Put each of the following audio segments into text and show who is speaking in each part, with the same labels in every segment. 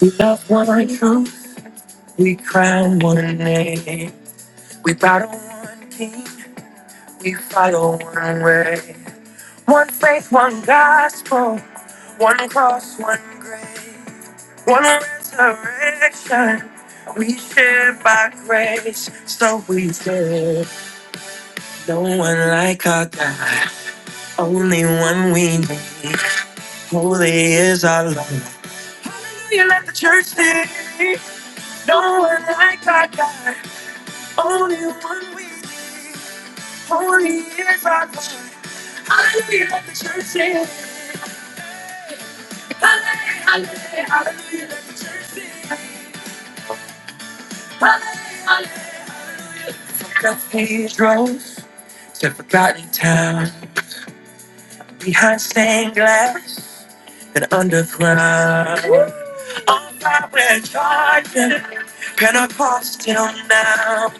Speaker 1: We love one truth, we crown one name. We bow to one king, we follow one way. One faith, one gospel, one cross, one grave, one resurrection. We share by grace, so we say, No one like our God, only one we need. Holy is our Lord. You let the church sing. No one like our God, only one we need. Holy is our God. Hallelujah, let the church sing. Hallelujah, hallelujah, let the church sing. Hallelujah, hallelujah. Cathedrals to forgotten towns, behind stained glass and underground. Woo! On fire and charging, Pentecostal now.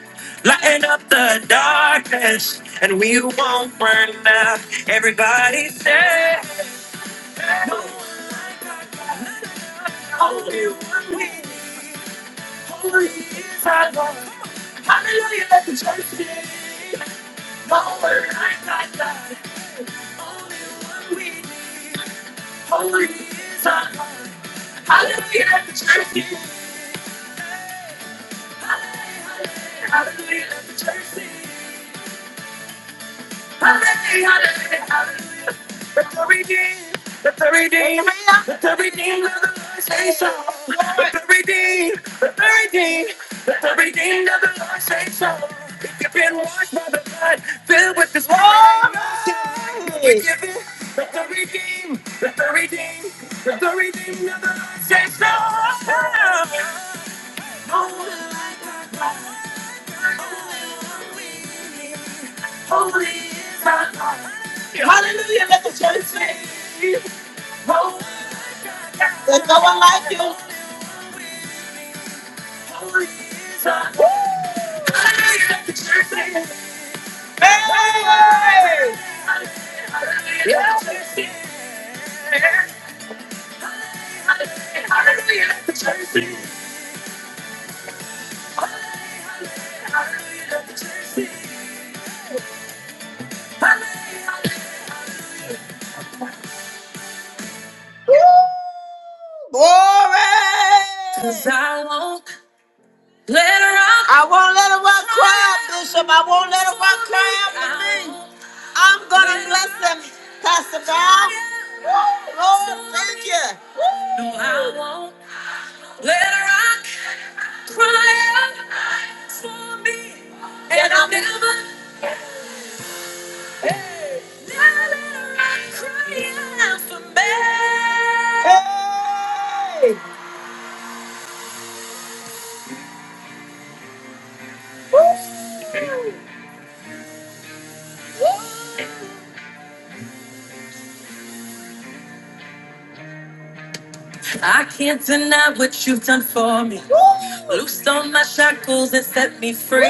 Speaker 1: Lighten up the darkness, and we won't burn out. Everybody say, no one like our God. Hold you with me. Holy is our God. Hallelujah, let the church sing. My word, I got God. We holy is our God. Hallelujah, let the church sing. Hallelujah, let the church sing. The redeemed The redeemed of the Lord say so. The redeemed, the redeemed, the redeemed of the Lord say so. If you've been washed by the blood, filled with His love. forgiven. Let the redeemed, let the redeemed, let the redeemed of the Lord say so. Oh my life, oh my life. There's no one like you. Holy is our Woo! Hallelujah. Hey! Yeah. Woo! Glory! 'Cause I won't let her rock. I won't let her rock cry, out, Bishop. I won't let her rock cry out for me. I'm gonna bless them, Pastor Val. Woo! Lord, thank you. No, I won't let her rock. Crying for me, and I'll never, never let her cry again for me. Hey, woo, woo. I can't deny what you've done for me. Woo! Loosed on my shackles and set me free.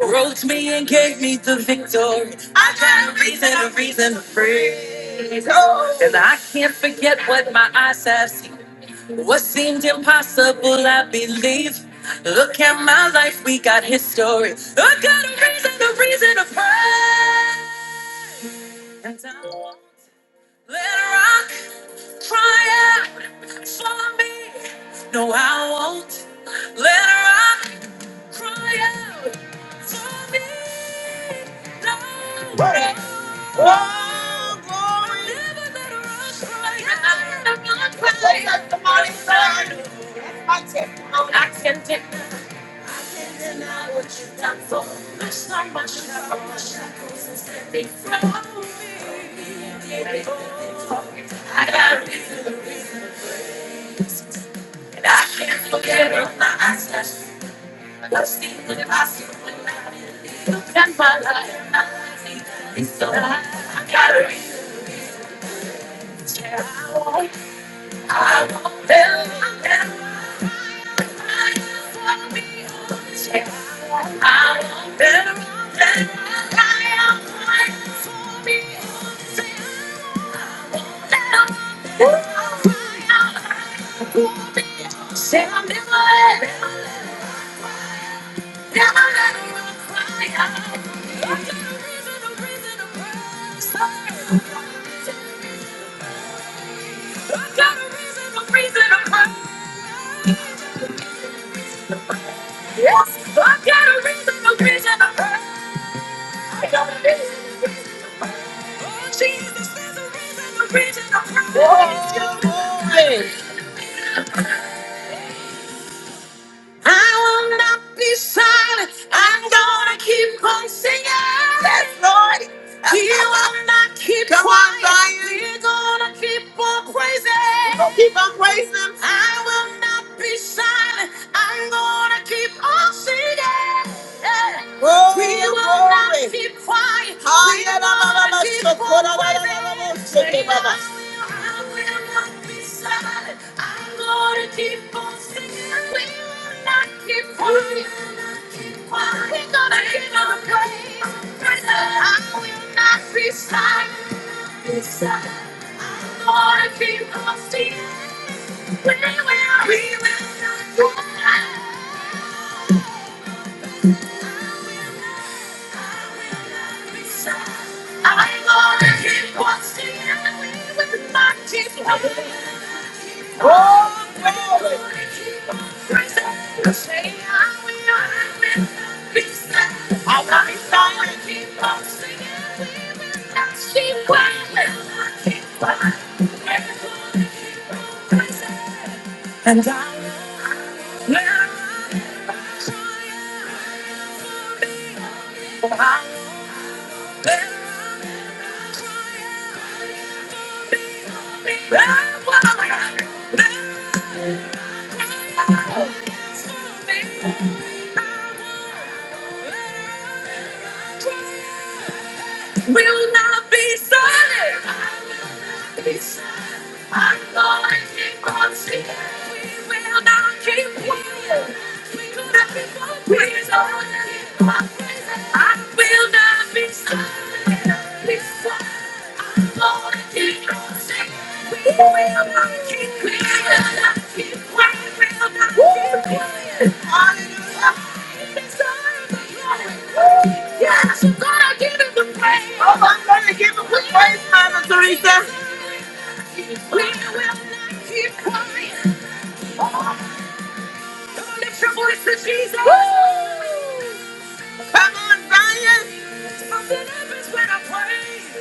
Speaker 1: Woo! Wrote me and gave me the victory. I got a reason, a reason to praise. Oh. And I can't forget what my eyes have seen. What seemed impossible, I believe. Look at my life, we got history. I got a reason, a reason to praise. And I won't let a rock cry out for me. Oh, glory. That's the mighty sign. That's my testimony, sir. That's my eyes just look still in my soul. Look at my life I see it's so I I got testimony. Yes, I got a reason, a reason, a reason. Jesus is the reason, the reason I'm Glory. I will not be silent. I'm gonna keep on singing. Yes, Lord. We will not keep Come on, quiet. Zion. We're gonna keep on praising. We're gonna keep on praising. Him. I will not be silent. I'm gonna keep on singing. Yeah. Glory, we will glory. not glory. be quiet. We will not be quiet. I will not be silent. I'm going to keep on singing. We will not keep quiet. We're going to keep on praising. I will not be silent. I'm going to keep on singing. We will, we will not be quiet. I'm gonna keep on singing with my teeth. Oh, glory. Say I will not be peace. I'm gonna keep on singing. That's the And I'm Will not be silent. I'm will not be silent. i going to keep on singing. We will not keep quiet. We will not keep on praising. I will not be silent. Be silent. Yes, I'm gonna give him the praise. Oh, I'm gonna give him the praise, Mama Teresa. We will not keep quiet. Oh, don't lift your voice to Jesus. Woo! Come on, Zion. Something happens when I pray.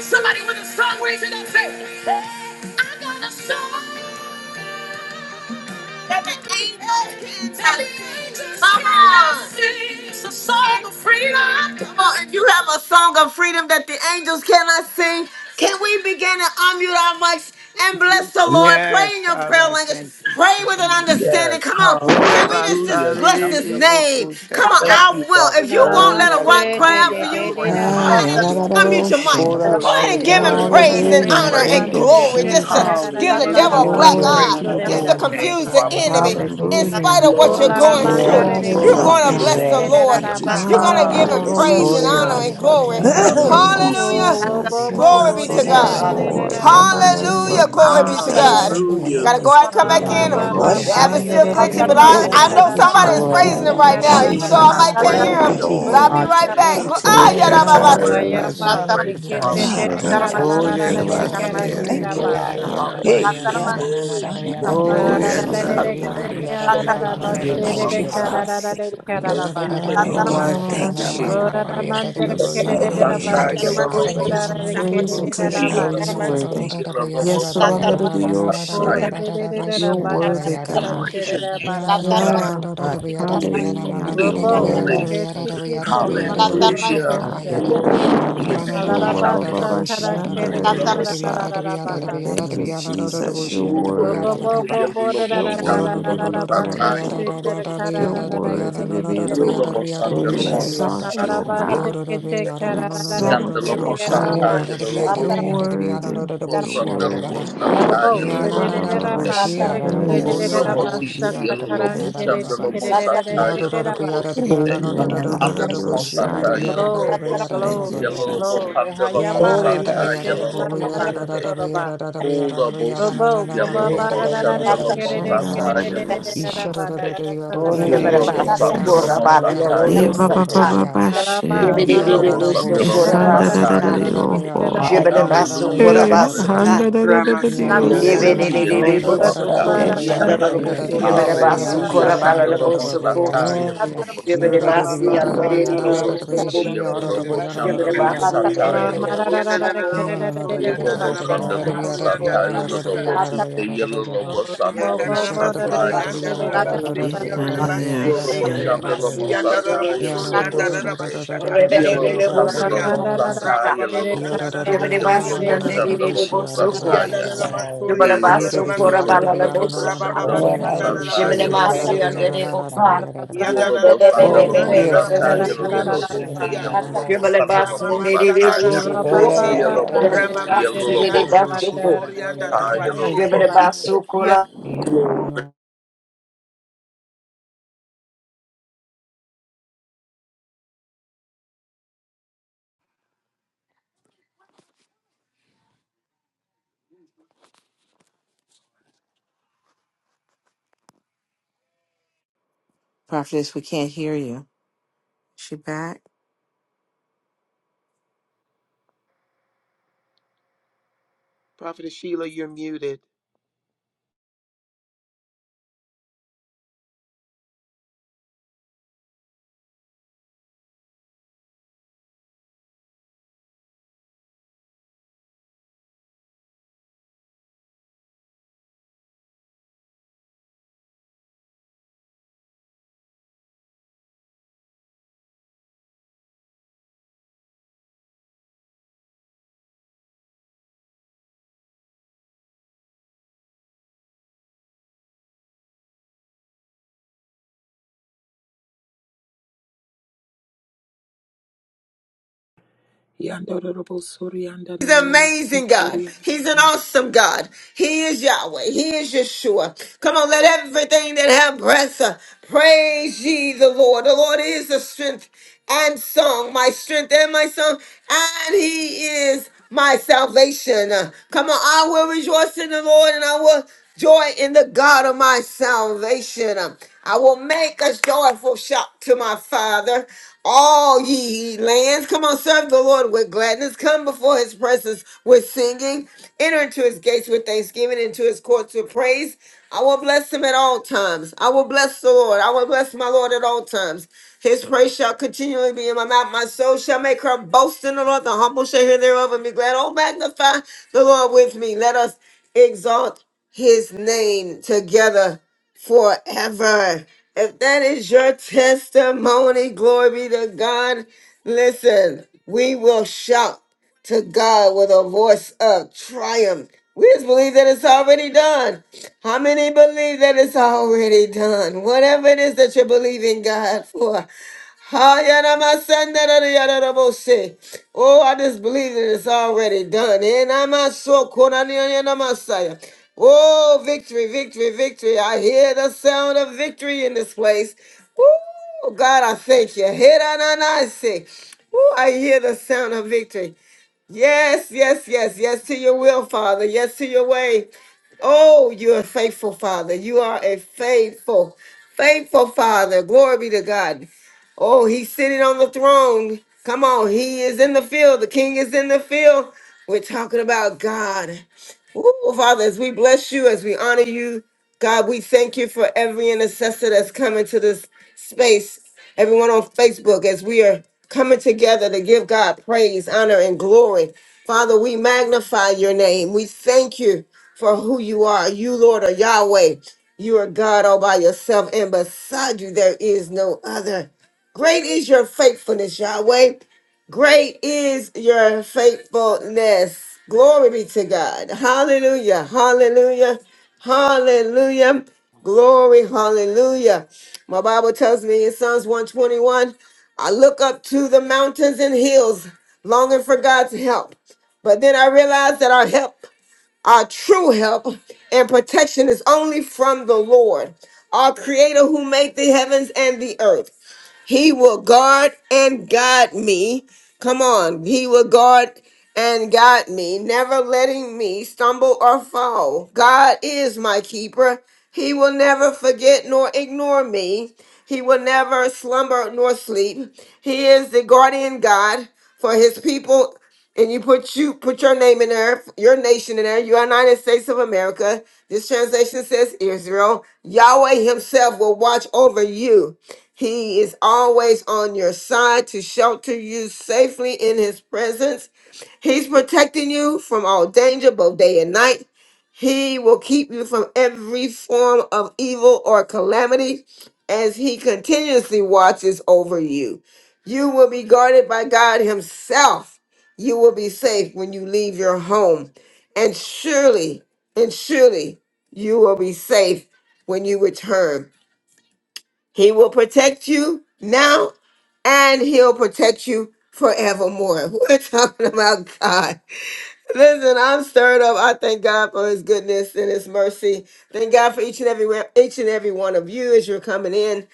Speaker 1: Somebody with a song raise it up, say, I got a song that the angels can tell you. Come on. It's a song of freedom. Come on, if you have a song of freedom that the angels cannot sing, can we begin to unmute our mics and bless the Lord? Pray
Speaker 2: Yes,
Speaker 1: in your
Speaker 2: Father,
Speaker 1: prayer
Speaker 2: I
Speaker 1: language.
Speaker 2: thank you.
Speaker 1: Pray
Speaker 2: for
Speaker 1: with
Speaker 2: your
Speaker 1: an
Speaker 2: mercy.
Speaker 1: understanding.
Speaker 3: Yes,
Speaker 1: Come on on.
Speaker 2: Ole
Speaker 1: Can we just, just
Speaker 3: hallelujah.
Speaker 2: basari
Speaker 1: bless
Speaker 2: di
Speaker 1: His
Speaker 2: di bo
Speaker 1: name?
Speaker 2: ko
Speaker 1: Come on,
Speaker 4: La
Speaker 3: Thank
Speaker 2: shata.
Speaker 3: you,
Speaker 1: I will.
Speaker 3: Father
Speaker 1: If you
Speaker 3: God.
Speaker 1: won't
Speaker 2: Oh,
Speaker 1: let a
Speaker 2: yes,
Speaker 1: rock
Speaker 5: Ararabase de
Speaker 1: cry
Speaker 2: God.
Speaker 3: Hallelujah.
Speaker 1: out
Speaker 5: de
Speaker 1: for
Speaker 3: I
Speaker 5: de
Speaker 2: Thank
Speaker 1: you,
Speaker 5: de
Speaker 2: you,
Speaker 5: da
Speaker 3: praise
Speaker 1: go
Speaker 5: da
Speaker 6: Ah,
Speaker 7: Yeah,
Speaker 1: ahead
Speaker 5: ba.
Speaker 6: yeah,
Speaker 1: and
Speaker 3: you.
Speaker 7: that
Speaker 6: da,
Speaker 2: Jesus.
Speaker 7: we
Speaker 6: da,
Speaker 7: are
Speaker 1: just
Speaker 6: da,
Speaker 7: that we
Speaker 6: da
Speaker 1: unmute
Speaker 6: oh,
Speaker 7: are
Speaker 1: your
Speaker 7: not
Speaker 1: mic.
Speaker 6: shit!
Speaker 7: that
Speaker 2: Ora
Speaker 3: You are
Speaker 1: Go
Speaker 3: so
Speaker 7: bullshit
Speaker 1: ahead
Speaker 7: that
Speaker 1: and
Speaker 7: we are
Speaker 1: give
Speaker 2: basari
Speaker 7: that
Speaker 1: him
Speaker 7: we
Speaker 2: di
Speaker 5: Ora
Speaker 7: are
Speaker 3: worthy
Speaker 7: not
Speaker 5: da
Speaker 1: praise
Speaker 3: to
Speaker 5: da
Speaker 1: and
Speaker 7: not
Speaker 2: di
Speaker 5: de
Speaker 3: be
Speaker 5: da
Speaker 6: Hallelujah.
Speaker 2: bo
Speaker 1: honor
Speaker 5: da ba
Speaker 2: ko
Speaker 1: and
Speaker 6: Thank
Speaker 7: bullshit
Speaker 3: praised.
Speaker 6: you,
Speaker 7: that we
Speaker 5: se
Speaker 7: are
Speaker 1: glory
Speaker 7: that
Speaker 5: ke
Speaker 2: shata.
Speaker 1: just
Speaker 7: about
Speaker 5: ta
Speaker 1: to
Speaker 5: da
Speaker 7: we are.
Speaker 5: da
Speaker 6: Jesus.
Speaker 5: da da
Speaker 1: give the
Speaker 5: da da da
Speaker 1: devil a
Speaker 3: Hallelujah.
Speaker 5: ba
Speaker 2: Oh,
Speaker 3: I
Speaker 1: black
Speaker 7: Yeah, no,
Speaker 6: Glory
Speaker 2: yes,
Speaker 5: son
Speaker 1: eye,
Speaker 7: that
Speaker 3: praise
Speaker 6: to
Speaker 5: do
Speaker 6: you,
Speaker 5: de
Speaker 3: the
Speaker 7: that
Speaker 5: de
Speaker 1: just
Speaker 2: God.
Speaker 5: da
Speaker 1: to
Speaker 5: da
Speaker 7: we
Speaker 6: Lord.
Speaker 3: holy
Speaker 7: are
Speaker 5: ba
Speaker 3: name,
Speaker 7: that
Speaker 1: confuse
Speaker 5: ha.
Speaker 7: we
Speaker 2: Oh,
Speaker 1: the
Speaker 7: are
Speaker 3: Father
Speaker 7: that
Speaker 2: I
Speaker 1: enemy.
Speaker 7: bullshit
Speaker 2: love
Speaker 3: God.
Speaker 8: Thank
Speaker 7: that
Speaker 8: you,
Speaker 7: we
Speaker 2: you.
Speaker 1: In
Speaker 8: Jesus.
Speaker 7: are not
Speaker 1: spite
Speaker 6: Hallelujah.
Speaker 1: of
Speaker 7: that is
Speaker 1: what
Speaker 7: that
Speaker 1: you're
Speaker 8: Glory
Speaker 5: Ola
Speaker 3: Glory,
Speaker 8: to
Speaker 5: la
Speaker 1: going
Speaker 8: your
Speaker 7: bullshit
Speaker 5: manda
Speaker 1: through,
Speaker 3: glory,
Speaker 8: name,
Speaker 7: that
Speaker 5: de
Speaker 7: we
Speaker 5: de
Speaker 7: are
Speaker 2: Yes,
Speaker 1: you're
Speaker 5: ke
Speaker 7: that
Speaker 8: Jesus.
Speaker 3: glory
Speaker 5: de
Speaker 7: we
Speaker 9: Glory.
Speaker 3: to
Speaker 1: going
Speaker 7: are
Speaker 5: de
Speaker 1: to
Speaker 7: not
Speaker 3: your
Speaker 6: Hallelujah.
Speaker 8: Bless
Speaker 7: not
Speaker 8: your
Speaker 1: bless
Speaker 5: de
Speaker 1: the
Speaker 5: de
Speaker 3: name.
Speaker 9: Hallelujah.
Speaker 5: da
Speaker 2: yes.
Speaker 8: name.
Speaker 5: da
Speaker 1: Lord.
Speaker 5: da
Speaker 8: You're
Speaker 9: Thank you,
Speaker 2: God.
Speaker 5: ba.
Speaker 1: You're
Speaker 9: Jesus.
Speaker 8: holy,
Speaker 1: going
Speaker 6: Ah,
Speaker 1: to
Speaker 6: ba,
Speaker 9: We
Speaker 1: give
Speaker 8: God.
Speaker 6: ba,
Speaker 1: him
Speaker 6: ba,
Speaker 9: bless
Speaker 6: ba,
Speaker 9: your
Speaker 1: praise and
Speaker 2: Ore
Speaker 9: holy
Speaker 8: You're
Speaker 7: that
Speaker 9: name.
Speaker 3: Hallelujah.
Speaker 1: honor
Speaker 6: sha.
Speaker 1: and glory.
Speaker 6: In
Speaker 2: masata.
Speaker 7: that
Speaker 6: the name
Speaker 9: we
Speaker 8: worthy,
Speaker 6: of
Speaker 5: O
Speaker 8: God.
Speaker 1: Hallelujah.
Speaker 5: wo bo
Speaker 6: Jesus.
Speaker 8: You're
Speaker 5: bo
Speaker 1: Glory
Speaker 9: honor
Speaker 5: bo
Speaker 1: be
Speaker 9: you,
Speaker 8: worthy,
Speaker 5: de
Speaker 1: to
Speaker 5: de
Speaker 9: Father.
Speaker 8: God.
Speaker 5: de
Speaker 2: Ota,
Speaker 6: Yes,
Speaker 7: we
Speaker 1: God.
Speaker 5: de
Speaker 7: are
Speaker 5: de
Speaker 7: that
Speaker 5: de
Speaker 7: we
Speaker 9: Thank
Speaker 8: Hallelujah.
Speaker 6: Lord.
Speaker 5: da
Speaker 9: you
Speaker 7: are
Speaker 5: da
Speaker 6: In
Speaker 8: Thank
Speaker 6: the
Speaker 8: you,
Speaker 5: ba.
Speaker 7: that
Speaker 6: name
Speaker 9: for
Speaker 8: Jesus.
Speaker 1: Hallelujah.
Speaker 6: of
Speaker 7: about we
Speaker 1: Glory
Speaker 9: another
Speaker 1: be to
Speaker 9: day
Speaker 6: Jesus.
Speaker 9: that
Speaker 1: God.
Speaker 9: you
Speaker 2: I
Speaker 8: Hallelujah.
Speaker 1: I
Speaker 2: love
Speaker 3: Hallelujah.
Speaker 9: gave
Speaker 1: gotta go
Speaker 9: us.
Speaker 1: out and
Speaker 3: Glory,
Speaker 7: are
Speaker 1: come
Speaker 6: In
Speaker 5: Ha
Speaker 6: the
Speaker 7: we
Speaker 1: back
Speaker 7: are that we are that we are not not that that we are that
Speaker 5: ba
Speaker 1: in.
Speaker 6: name
Speaker 7: we
Speaker 5: ba
Speaker 6: of
Speaker 7: are that we are that we are that we are
Speaker 8: Hallelujah.
Speaker 7: that
Speaker 9: Brought
Speaker 5: ba
Speaker 7: we
Speaker 1: The
Speaker 3: glory,
Speaker 7: are
Speaker 9: us
Speaker 5: ba
Speaker 1: app
Speaker 2: you.
Speaker 5: de
Speaker 1: is
Speaker 6: ocean,
Speaker 9: into,
Speaker 5: de
Speaker 6: da,
Speaker 3: glory
Speaker 1: still
Speaker 7: that
Speaker 6: da,
Speaker 5: de
Speaker 6: da,
Speaker 5: de
Speaker 7: we
Speaker 9: Father.
Speaker 6: da,
Speaker 1: glitching,
Speaker 9: We
Speaker 5: de
Speaker 1: but
Speaker 6: yo,
Speaker 5: ke
Speaker 1: I,
Speaker 5: de
Speaker 8: Lord,
Speaker 5: de
Speaker 1: I
Speaker 9: glorify
Speaker 6: shit!
Speaker 5: da
Speaker 8: Thank
Speaker 7: are
Speaker 1: know
Speaker 5: da
Speaker 9: you.
Speaker 8: you,
Speaker 9: We
Speaker 5: da
Speaker 7: that
Speaker 3: to
Speaker 1: somebody
Speaker 3: God.
Speaker 5: ba
Speaker 2: Oh,
Speaker 1: is
Speaker 9: honor
Speaker 7: we
Speaker 8: Jesus.
Speaker 7: are
Speaker 5: se
Speaker 9: you.
Speaker 7: that.
Speaker 1: praising
Speaker 5: ke
Speaker 1: him
Speaker 6: Thank you,
Speaker 1: right
Speaker 5: ta
Speaker 3: Hallelujah.
Speaker 5: da
Speaker 1: now,
Speaker 8: Thank
Speaker 5: da
Speaker 2: yes,
Speaker 8: you,
Speaker 1: even
Speaker 5: da
Speaker 1: though
Speaker 7: Yeah,
Speaker 5: da
Speaker 1: I
Speaker 8: Jesus.
Speaker 7: na
Speaker 5: da
Speaker 3: I
Speaker 9: Hallelujah.
Speaker 7: na
Speaker 6: Jesus.
Speaker 1: might
Speaker 5: ba.
Speaker 7: da
Speaker 1: can't
Speaker 7: da
Speaker 6: Thank
Speaker 7: da
Speaker 3: praise
Speaker 1: hear
Speaker 8: Thank
Speaker 7: da
Speaker 6: you,
Speaker 1: him.
Speaker 8: you,
Speaker 7: ba
Speaker 3: your
Speaker 7: ya da
Speaker 1: But
Speaker 7: da
Speaker 8: Jesus.
Speaker 9: Glory
Speaker 7: ba
Speaker 1: I'll
Speaker 6: Lord.
Speaker 1: be
Speaker 9: be
Speaker 7: ya
Speaker 3: holy
Speaker 7: da
Speaker 9: to
Speaker 1: right
Speaker 7: da bi ha
Speaker 1: back.
Speaker 7: da
Speaker 8: Glory
Speaker 3: name.
Speaker 9: God.
Speaker 7: da
Speaker 1: Gl-
Speaker 8: to
Speaker 7: bi
Speaker 8: your
Speaker 7: ha da
Speaker 9: Thank
Speaker 7: da
Speaker 6: Yeah,
Speaker 8: name,
Speaker 7: bi
Speaker 9: you,
Speaker 3: You're
Speaker 7: ha
Speaker 1: Ah,
Speaker 7: da
Speaker 3: so
Speaker 7: da bi
Speaker 8: Jesus.
Speaker 7: ha
Speaker 9: Jesus.
Speaker 3: worthy
Speaker 7: da da
Speaker 5: Kaya
Speaker 7: bu
Speaker 3: to
Speaker 5: ba
Speaker 7: shi
Speaker 3: be
Speaker 6: hallelujah.
Speaker 7: da da bi
Speaker 5: he
Speaker 3: praised,
Speaker 8: Hallelujah.
Speaker 5: ke
Speaker 7: da da
Speaker 3: Father
Speaker 7: bi
Speaker 5: te
Speaker 8: Bless
Speaker 7: ha
Speaker 8: your
Speaker 6: Thank
Speaker 5: te
Speaker 9: Ah,
Speaker 7: da
Speaker 6: you,
Speaker 7: da
Speaker 5: de
Speaker 3: God.
Speaker 8: name,
Speaker 5: ka
Speaker 9: thank you,
Speaker 3: I
Speaker 5: la
Speaker 8: God.
Speaker 6: Lord.
Speaker 5: la
Speaker 9: Lord.
Speaker 3: praise
Speaker 5: la
Speaker 3: your
Speaker 6: Thank
Speaker 7: Yonder
Speaker 5: la
Speaker 6: you,
Speaker 5: de
Speaker 3: holy
Speaker 9: Thank you,
Speaker 5: de
Speaker 3: name.
Speaker 5: ke
Speaker 6: Lord.
Speaker 9: thank
Speaker 8: You're
Speaker 5: da
Speaker 9: you,
Speaker 5: de
Speaker 8: worthy,
Speaker 5: da
Speaker 9: thank you.
Speaker 5: ba.
Speaker 8: God.
Speaker 3: Oh,
Speaker 8: You're worthy.
Speaker 9: Hey,
Speaker 3: hallelujah.
Speaker 9: Yabba,
Speaker 6: Hallelujah.
Speaker 3: Glory to
Speaker 9: Sana
Speaker 3: your name.
Speaker 5: Robo,
Speaker 6: Glory
Speaker 9: Manukushia.
Speaker 6: to
Speaker 3: I
Speaker 2: I
Speaker 6: your
Speaker 2: will
Speaker 3: praise
Speaker 6: God.
Speaker 2: push
Speaker 3: your
Speaker 2: it.
Speaker 3: holy
Speaker 6: Thank
Speaker 3: name,
Speaker 6: you,
Speaker 9: Thank
Speaker 3: Father
Speaker 9: you,
Speaker 8: Hallelujah.
Speaker 3: God.
Speaker 9: Father.
Speaker 6: Jesus.
Speaker 3: I say,
Speaker 6: Ah,
Speaker 3: holy,
Speaker 6: ba,
Speaker 2: Oh,
Speaker 9: Thank
Speaker 6: ba,
Speaker 3: holy,
Speaker 9: you,
Speaker 2: my
Speaker 6: ba, ba, ba,
Speaker 2: shut
Speaker 3: holy.
Speaker 9: thank you.
Speaker 2: my
Speaker 6: she.
Speaker 2: mama.
Speaker 3: Jesus,
Speaker 6: His
Speaker 3: the
Speaker 9: Yeah,
Speaker 6: son, the
Speaker 3: Most High,
Speaker 6: real
Speaker 9: heaven.
Speaker 3: you love the
Speaker 6: son.
Speaker 8: Thank you,
Speaker 3: most
Speaker 8: Jesus.
Speaker 3: high.
Speaker 6: Praise
Speaker 8: Glory
Speaker 6: him
Speaker 8: to
Speaker 6: because
Speaker 8: your
Speaker 6: you
Speaker 3: You love
Speaker 9: Hallelujah.
Speaker 6: know
Speaker 8: name,
Speaker 3: the
Speaker 6: he's
Speaker 3: most
Speaker 8: Jesus. Glory
Speaker 6: worthy.
Speaker 3: high. the
Speaker 6: Yes,
Speaker 3: most high.
Speaker 6: surrender to
Speaker 3: You love the
Speaker 6: the
Speaker 3: most high. You love
Speaker 6: ocean.
Speaker 3: the most high.
Speaker 6: You're worthy,
Speaker 3: I
Speaker 2: Oh,
Speaker 6: God.
Speaker 3: praise your
Speaker 2: shut
Speaker 3: name, Father God.
Speaker 6: Yeah.
Speaker 3: You're holy,
Speaker 6: Hallelujah. You're
Speaker 3: holy,
Speaker 2: Oh,
Speaker 4: La
Speaker 3: holy.
Speaker 6: worthy.
Speaker 2: that's such
Speaker 10: Hallelujah.
Speaker 2: a
Speaker 5: Bekeshiki,
Speaker 6: You're
Speaker 2: moment.
Speaker 4: La
Speaker 5: Teramandro
Speaker 4: tarma la
Speaker 6: worthy,
Speaker 3: Hallelujah.
Speaker 6: God.
Speaker 5: Roboshaya,
Speaker 3: Glory to your
Speaker 7: Yana
Speaker 2: Yes,
Speaker 7: na
Speaker 3: name.
Speaker 6: You're
Speaker 2: yes.
Speaker 6: worthy.
Speaker 4: tarma
Speaker 7: na da
Speaker 5: Alarabasa,
Speaker 2: Yes,
Speaker 7: bo shi ya da da bo
Speaker 3: Shandalomosataya
Speaker 5: Tarakere,
Speaker 4: la
Speaker 7: bo
Speaker 4: tarma
Speaker 7: yo da da
Speaker 3: lolobosi.
Speaker 5: Kararabaha,
Speaker 6: Thank you,
Speaker 2: yes.
Speaker 7: bo
Speaker 6: Jesus.
Speaker 7: shi
Speaker 6: You're
Speaker 7: ya da da ba ya
Speaker 5: Robo,
Speaker 6: worthy.
Speaker 3: Lulobosite
Speaker 5: Bobo,
Speaker 6: You're
Speaker 5: Bodarabara,
Speaker 4: la
Speaker 6: worthy to be praised.
Speaker 3: yeluloboshandalomosataya
Speaker 5: Bakashit,
Speaker 3: lolobosi.
Speaker 6: You're
Speaker 5: Kararabara,
Speaker 6: worthy to be
Speaker 5: Kerabah.
Speaker 6: adored.
Speaker 4: tarma
Speaker 2: Oh,
Speaker 6: We
Speaker 2: yes,
Speaker 5: Glory,
Speaker 6: exalt
Speaker 3: Lulobosandalomosataya
Speaker 6: you,
Speaker 2: yes.
Speaker 6: O
Speaker 4: la
Speaker 2: yes.
Speaker 6: God.
Speaker 3: lolobosite.
Speaker 6: We exalt you, O God.
Speaker 2: Oh,
Speaker 3: Shandalomosataya
Speaker 4: tarma la
Speaker 6: You're
Speaker 4: tarma la tarma
Speaker 3: lolobosite.
Speaker 6: worthy.
Speaker 4: la
Speaker 6: You're
Speaker 4: tarma
Speaker 6: worthy.
Speaker 3: Lulobosandalomosataya
Speaker 6: Yeah, ba, ba, ba, ba,
Speaker 3: lolobosite.
Speaker 4: la tarma la tarma
Speaker 6: shanda, da, da, you
Speaker 2: yes,
Speaker 6: say.
Speaker 3: Lolobosite,
Speaker 7: da
Speaker 2: yes.
Speaker 6: Thank you,
Speaker 3: Yelolobosanda,
Speaker 7: da Yeah,
Speaker 6: Jesus.
Speaker 7: Yada da da ba yada da
Speaker 2: Ore
Speaker 7: ba yada
Speaker 3: Yelolobosite,
Speaker 7: no da
Speaker 6: Yeah,
Speaker 7: da da
Speaker 6: da,
Speaker 7: da
Speaker 6: da,
Speaker 7: da
Speaker 6: da,
Speaker 7: da
Speaker 6: you
Speaker 7: ba shi yada
Speaker 3: Andelomosata,
Speaker 7: da ba
Speaker 6: say.
Speaker 7: yada na da ba yada da
Speaker 3: Yelolobosite,
Speaker 7: ba
Speaker 6: Thank you,
Speaker 7: ba
Speaker 5: glory,
Speaker 7: yada.
Speaker 4: la
Speaker 6: Jesus.
Speaker 5: glory.
Speaker 3: Yelolobokanda,
Speaker 7: Yana
Speaker 5: Hayaba,
Speaker 7: na da da ba yada
Speaker 2: basta
Speaker 7: da
Speaker 5: iketere
Speaker 7: ba
Speaker 5: la
Speaker 7: ba yada da
Speaker 2: salire,
Speaker 7: da da
Speaker 3: Yelolobosite,
Speaker 7: ba
Speaker 5: bandoroba.
Speaker 7: yada da da ba yada da ba yada na
Speaker 3: Mulobosite,
Speaker 7: na
Speaker 5: Robo,
Speaker 7: na na
Speaker 5: baba,
Speaker 7: ba yada da
Speaker 2: osta
Speaker 7: ba
Speaker 3: Yelolobosanda,
Speaker 7: yada
Speaker 5: bararare,
Speaker 7: da
Speaker 2: tata
Speaker 7: ba shi
Speaker 6: And
Speaker 5: kerere,
Speaker 7: yada
Speaker 2: tata
Speaker 7: da
Speaker 6: da,
Speaker 7: ba.
Speaker 6: da, da,
Speaker 5: kerere,
Speaker 6: da,
Speaker 2: mais,
Speaker 6: you
Speaker 5: kerere,
Speaker 7: Isha da
Speaker 6: say.
Speaker 7: da da
Speaker 3: Yelolobosite,
Speaker 7: da
Speaker 5: bararara,
Speaker 7: yada da ba
Speaker 2: ore
Speaker 6: Thank
Speaker 7: yada
Speaker 5: kararara,
Speaker 6: you,
Speaker 7: da ba
Speaker 2: lili
Speaker 7: yada
Speaker 5: bosta.
Speaker 7: na na
Speaker 3: Mulobosanda,
Speaker 7: na na
Speaker 6: Jesus.
Speaker 7: da
Speaker 2: abasta,
Speaker 7: ba yada da ba
Speaker 6: Yeah, ba,
Speaker 7: yada da
Speaker 6: ba,
Speaker 7: ba
Speaker 6: ba,
Speaker 7: ba
Speaker 11: Shibbity-bidi-bidi-boo-so-ko-ra-ba-la-la-boo-so-ka.
Speaker 6: ba,
Speaker 7: yada.
Speaker 6: ba,
Speaker 3: Yelolobosite,
Speaker 6: she.
Speaker 5: Halaba,
Speaker 7: I or
Speaker 2: yes,
Speaker 7: a
Speaker 5: halare,
Speaker 7: da da
Speaker 3: Yelolobosanda,
Speaker 5: kerere,
Speaker 7: booshie
Speaker 6: It's
Speaker 7: a da
Speaker 6: shanda,
Speaker 7: da
Speaker 5: kararara,
Speaker 6: da, da, da,
Speaker 7: boya
Speaker 6: da,
Speaker 7: na
Speaker 5: karere,
Speaker 7: da da
Speaker 6: you,
Speaker 7: boya a
Speaker 5: kerere,
Speaker 7: da da
Speaker 6: oh.
Speaker 2: I
Speaker 5: raba.
Speaker 3: Yelolobosite.
Speaker 7: boya na na
Speaker 2: do
Speaker 7: da da boya a
Speaker 3: Hallelujah,
Speaker 6: Yeah,
Speaker 2: praise,
Speaker 7: da da boya
Speaker 3: hallelujah.
Speaker 6: handa, da, da, da, da, da,
Speaker 7: na
Speaker 12: Ramasuri
Speaker 6: you
Speaker 7: na na na
Speaker 3: Glory
Speaker 6: say.
Speaker 7: na
Speaker 3: to
Speaker 7: na
Speaker 3: your
Speaker 7: na na
Speaker 5: Hallelujah,
Speaker 3: name,
Speaker 7: na
Speaker 12: andarabaseke.
Speaker 7: da
Speaker 2: osta
Speaker 7: da
Speaker 3: Father
Speaker 7: da
Speaker 3: God.
Speaker 7: da
Speaker 2: tata
Speaker 7: boya
Speaker 2: tata
Speaker 7: da boya da da
Speaker 2: yes,
Speaker 12: Yandarabosuri
Speaker 7: boya da da
Speaker 6: Prophetess,
Speaker 7: boya a da da
Speaker 3: Hallelujah.
Speaker 7: boya na
Speaker 12: andarabashatare
Speaker 7: da da da
Speaker 3: Shandalomo
Speaker 7: boya
Speaker 12: andarabasa.
Speaker 7: a da da
Speaker 3: sataya
Speaker 7: boya
Speaker 2: oh
Speaker 3: lobo
Speaker 2: yes,
Speaker 7: i or or
Speaker 3: site.
Speaker 7: da da
Speaker 2: I
Speaker 11: Shibbity-basi, I'm
Speaker 12: Ramamasa
Speaker 11: ready
Speaker 7: boya na
Speaker 11: to
Speaker 7: na
Speaker 3: Lobo
Speaker 7: da
Speaker 11: do
Speaker 7: da
Speaker 11: so
Speaker 12: andarabosuri
Speaker 3: site
Speaker 11: cool.
Speaker 7: booshie a or da
Speaker 2: do
Speaker 3: yellobo
Speaker 7: boya na da da
Speaker 12: andarabaseke.
Speaker 3: shandalomo
Speaker 2: praise,
Speaker 7: boya a
Speaker 11: Shibbity-basi,
Speaker 7: da
Speaker 11: I'm
Speaker 7: da
Speaker 11: ready
Speaker 3: sataya
Speaker 11: to
Speaker 7: boya
Speaker 11: do
Speaker 3: lobo
Speaker 11: so
Speaker 3: site.
Speaker 7: i
Speaker 11: cool.
Speaker 7: or or da
Speaker 12: Yandarabosuri
Speaker 7: da boya a
Speaker 3: Lobo
Speaker 7: da da boya da da
Speaker 3: sandalomo
Speaker 2: osta,
Speaker 12: andarabasatori
Speaker 11: Shibbity-basu,
Speaker 7: boya da
Speaker 3: sataya
Speaker 7: da
Speaker 12: andarabosa.
Speaker 7: boya
Speaker 3: lobo
Speaker 7: a
Speaker 3: site
Speaker 7: da da boya
Speaker 3: yellobo
Speaker 11: basu
Speaker 3: sandalomo
Speaker 7: i or or
Speaker 12: Yandaramasuri
Speaker 7: da
Speaker 3: sataya
Speaker 7: da boya a da da
Speaker 11: basi
Speaker 7: boya na na
Speaker 3: lobo
Speaker 4: tarma
Speaker 7: da da da
Speaker 3: site.
Speaker 7: da
Speaker 12: andarabaseke
Speaker 7: boya da
Speaker 2: osta,
Speaker 7: da boya da da
Speaker 12: rabaseke.
Speaker 3: Lobo
Speaker 7: boya da da
Speaker 3: shandalomo
Speaker 11: Yerebasi and
Speaker 7: boya
Speaker 11: the
Speaker 3: sataya
Speaker 11: Rebe
Speaker 7: yeah, no
Speaker 12: Yandarabosuri
Speaker 4: la tarma
Speaker 7: no
Speaker 3: lobo
Speaker 7: no no
Speaker 11: Suku,
Speaker 7: no no no no
Speaker 3: site.
Speaker 7: no no no. no no
Speaker 12: andarabashatari
Speaker 3: Yellow
Speaker 11: Rebede
Speaker 7: no
Speaker 12: andarabosuri.
Speaker 3: candle
Speaker 7: no
Speaker 11: Bosuku,
Speaker 3: satire, little
Speaker 12: Rabababasa
Speaker 3: bossy tail,
Speaker 7: no
Speaker 3: little
Speaker 11: Yerebasi
Speaker 7: no no no no. Yeah yeah yeah yeah yeah yeah
Speaker 11: and
Speaker 7: da,
Speaker 3: boss
Speaker 7: da,
Speaker 11: the
Speaker 7: da,
Speaker 12: andarabosuri
Speaker 3: and the lobo
Speaker 4: Thank
Speaker 7: da.
Speaker 11: Bosuku,
Speaker 7: yeah.
Speaker 3: satire.
Speaker 7: da, da,
Speaker 12: Yandana la
Speaker 7: da,
Speaker 12: masuri,
Speaker 7: Yeah da,
Speaker 2: osta,
Speaker 12: yandana la
Speaker 11: Yubarabasu
Speaker 7: da,
Speaker 11: for a
Speaker 3: Yerobosite,
Speaker 7: da,
Speaker 12: masuri.
Speaker 11: Balala
Speaker 7: Yeah no, no, no, no,
Speaker 11: Bosuka,
Speaker 7: no,
Speaker 3: Yerobosanda
Speaker 7: no,
Speaker 12: Rababa
Speaker 7: boy,
Speaker 2: ore
Speaker 7: yeah da, da,
Speaker 12: sandana la
Speaker 7: boy,
Speaker 12: la
Speaker 2: mais,
Speaker 3: Lomosata,
Speaker 7: she, yeah da, da,
Speaker 2: osta,
Speaker 7: yeah da,
Speaker 12: basete
Speaker 7: da, da,
Speaker 11: Yerebasi
Speaker 12: de
Speaker 11: and
Speaker 12: la
Speaker 7: yeah
Speaker 11: the
Speaker 7: na,
Speaker 12: bas.
Speaker 7: na,
Speaker 3: Yerobosite,
Speaker 7: na, da,
Speaker 2: osta,
Speaker 7: boy,
Speaker 11: Reboka,
Speaker 7: yeah da, da, da.
Speaker 12: Yandana la
Speaker 3: Urobosanda
Speaker 7: yeah.
Speaker 12: bosuri,
Speaker 7: da, da,
Speaker 2: Oh,
Speaker 7: da,
Speaker 11: Rebebe
Speaker 12: yandana
Speaker 7: Yeah
Speaker 12: la
Speaker 7: da,
Speaker 2: yes,
Speaker 7: da,
Speaker 3: Lomosata,
Speaker 2: that
Speaker 7: yeah da,
Speaker 2: is
Speaker 7: da,
Speaker 12: baseke
Speaker 7: boy,
Speaker 2: the
Speaker 11: Bosuku,
Speaker 7: she, yeah
Speaker 3: Yerobosite,
Speaker 7: na,
Speaker 2: sex
Speaker 7: na, na,
Speaker 12: robosian.
Speaker 2: on the
Speaker 7: na, na, na, na,
Speaker 3: Yerobokanda
Speaker 7: da,
Speaker 11: Yerebasi
Speaker 7: da.
Speaker 11: and
Speaker 12: Ramama
Speaker 11: the Rebe
Speaker 12: sandana
Speaker 7: yeah
Speaker 3: Lomosata,
Speaker 12: la la
Speaker 7: da, da, da,
Speaker 2: Oh,
Speaker 11: Suku,
Speaker 2: that
Speaker 7: yeah da, da,
Speaker 12: basete.
Speaker 7: yeah
Speaker 2: I
Speaker 7: da, da,
Speaker 2: almost.
Speaker 7: yeah no,
Speaker 3: Yerobosite,
Speaker 7: no,
Speaker 12: Ramama
Speaker 7: no, no,
Speaker 11: and
Speaker 7: no,
Speaker 11: the
Speaker 7: no, no,
Speaker 12: sikando
Speaker 3: Yerobosanda
Speaker 7: boy, she,
Speaker 11: Rebe
Speaker 7: yeah
Speaker 11: Suku,
Speaker 7: da,
Speaker 12: robosuri,
Speaker 7: da,
Speaker 12: yandana
Speaker 7: yeah
Speaker 12: la
Speaker 7: da,
Speaker 3: Lomosata,
Speaker 12: la
Speaker 7: da, yeah da,
Speaker 12: bashe.
Speaker 7: da, da.
Speaker 3: Yerobosite.
Speaker 12: Yeah.
Speaker 11: Yerebasuku.
Speaker 7: yeah no, no, no.
Speaker 3: Glory.
Speaker 6: we can't hear you. She back?
Speaker 12: Prophet Sheila, you're muted. Yandarabo Sorianda
Speaker 1: He's an amazing God.
Speaker 12: Nanamasikoria.
Speaker 1: He's an awesome God. He is Yahweh. He is Yeshua. Come on, let everything that have breath uh, praise ye the Lord. The Lord is the strength and song, my strength and my song, and He is my salvation. Uh, Come on, I will rejoice in the Lord, and I will. Joy in the God of my salvation. I will make a joyful shout to my Father. All ye lands, come on, serve the Lord with gladness. Come before his presence with singing. Enter into his gates with thanksgiving, into his courts with praise. I will bless him at all times. I will bless the Lord. I will bless my Lord at all times. His praise shall continually be in my mouth. My soul shall make her boast in the Lord. The humble shall hear thereof and be glad. Oh, magnify the Lord with me. Let us exalt his name together forever. If that is your testimony, glory be to God. Listen, we will shout to God with a voice of triumph. We just believe that it's already done. How many believe that it's already done? Whatever it is that you're believing God for, Hayanamasandarayadarabose. Oh, I just believe that it's already done. Enamasokonanyananamasaya. Oh, victory, victory, victory. I hear the sound of victory in this place. Oh, God, I thank you. Herananase. Oh, I hear the sound of victory. Yes, yes, yes, yes to your will, Father. Yes to your way. Oh, you are faithful, Father. You are a faithful, faithful Father. Glory be to God. Oh, he's sitting on the throne. Come on, he is in the field. The king is in the field. We're talking about God. Ooh, Father, as we bless you, as we honor you, God, we thank you for every intercessor that's coming to this space. Everyone on Facebook, as we are coming together to give God praise, honor, and glory. Father, we magnify your name. We thank you for who you are. You, Lord, are Yahweh. You are God all by yourself, and beside you there is no other. Great is your faithfulness, Yahweh. Great is your faithfulness. Glory be to God. Hallelujah. Hallelujah. Hallelujah. Glory. Hallelujah. My Bible tells me in Psalms 121 I look up to the mountains and hills, longing for God's help. But then I realized that our help our true help and protection is only from the Lord, our creator who made the heavens and the earth. He will guard and guide me. Come on. He will guard and guide me, never letting me stumble or fall. God is my keeper. He will never forget nor ignore me. He will never slumber nor sleep. He is the guardian God for his people and you put you put your name in there, your nation in there, United States of America. This translation says Israel. Yahweh Himself will watch over you. He is always on your side to shelter you safely in His presence. He's protecting you from all danger, both day and night. He will keep you from every form of evil or calamity as He continuously watches over you. You will be guarded by God Himself you will be safe when you leave your home. And surely, and surely you will be safe when you return. He will protect you now and he'll protect you forevermore. We're talking about God. Listen, I'm stirred up. I thank God for his goodness and his mercy. Thank God for each and every each and every one of you as you're coming in.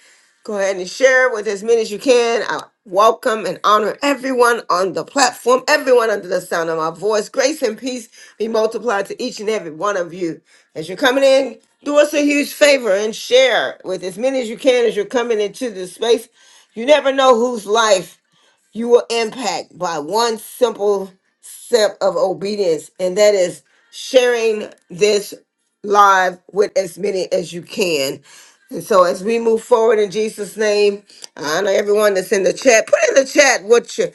Speaker 1: Go ahead and share with as many as you can. I welcome and honor everyone on the platform, everyone under the sound of my voice. Grace and peace be multiplied to each and every one of you. As you're coming in, do us a huge favor and share with as many as you can as you're coming into this space. You never know whose life you will impact by one simple step of obedience, and that is sharing this live with as many as you can. And so, as we move forward in Jesus' name, I know everyone that's in the chat, put in the chat what you,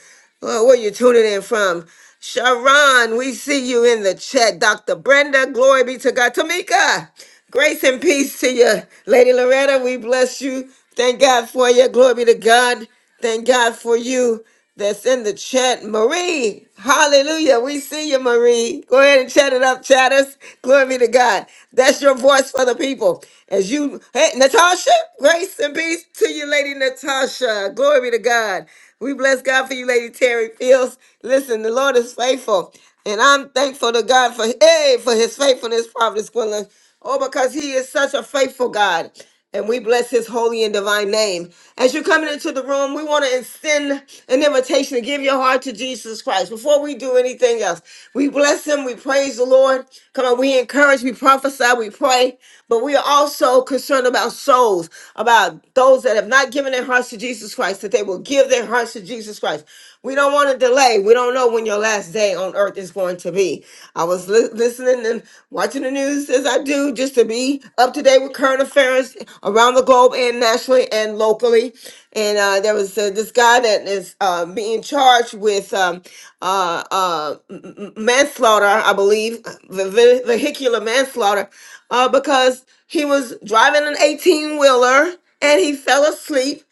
Speaker 1: uh, where you're tuning in from. Sharon, we see you in the chat. Dr. Brenda, glory be to God. Tamika, grace and peace to you. Lady Loretta, we bless you. Thank God for you. Glory be to God. Thank God for you that's in the chat. Marie, hallelujah. We see you, Marie. Go ahead and chat it up, chatters. Glory be to God. That's your voice for the people. As you, hey, Natasha, grace and peace to you, Lady Natasha. Glory be to God. We bless God for you, Lady Terry Fields. Listen, the Lord is faithful. And I'm thankful to God for, hey, for his faithfulness, Prophet Squillen. Oh, because he is such a faithful God and we bless his holy and divine name. As you're coming into the room, we want to extend an invitation to give your heart to Jesus Christ. Before we do anything else, we bless him, we praise the Lord. Come on, we encourage, we prophesy, we pray, but we are also concerned about souls, about those that have not given their hearts to Jesus Christ, that they will give their hearts to Jesus Christ. We don't want to delay. We don't know when your last day on earth is going to be. I was li- listening and watching the news as I do just to be up to date with current affairs around the globe and nationally and locally. And uh, there was uh, this guy that is uh, being charged with um, uh, uh, m- m- manslaughter, I believe, ve- ve- vehicular manslaughter, uh, because he was driving an 18 wheeler and he fell asleep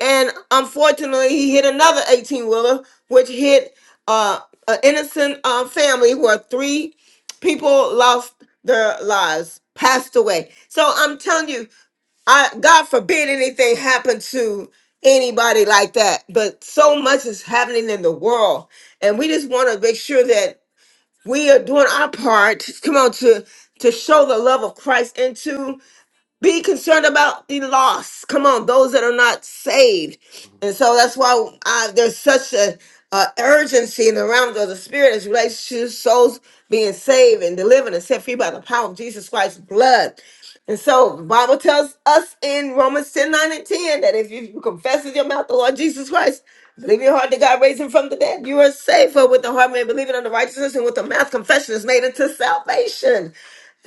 Speaker 1: and unfortunately he hit another 18 wheeler which hit uh, an innocent uh, family where three people lost their lives, passed away. So I'm telling you, I God forbid anything happen to anybody like that. But so much is happening in the world, and we just want to make sure that we are doing our part. Come on, to to show the love of Christ into be concerned about the lost. Come on, those that are not saved. And so that's why I, there's such a, a urgency in the realm of the spirit as it relates to souls being saved and delivered and set free by the power of Jesus Christ's blood. And so the Bible tells us in Romans 10 9 and 10 that if you confess with your mouth the Lord Jesus Christ, believe in your heart that God raised him from the dead, you are saved. For with the heart man believing on the righteousness, and with the mouth confession is made unto salvation.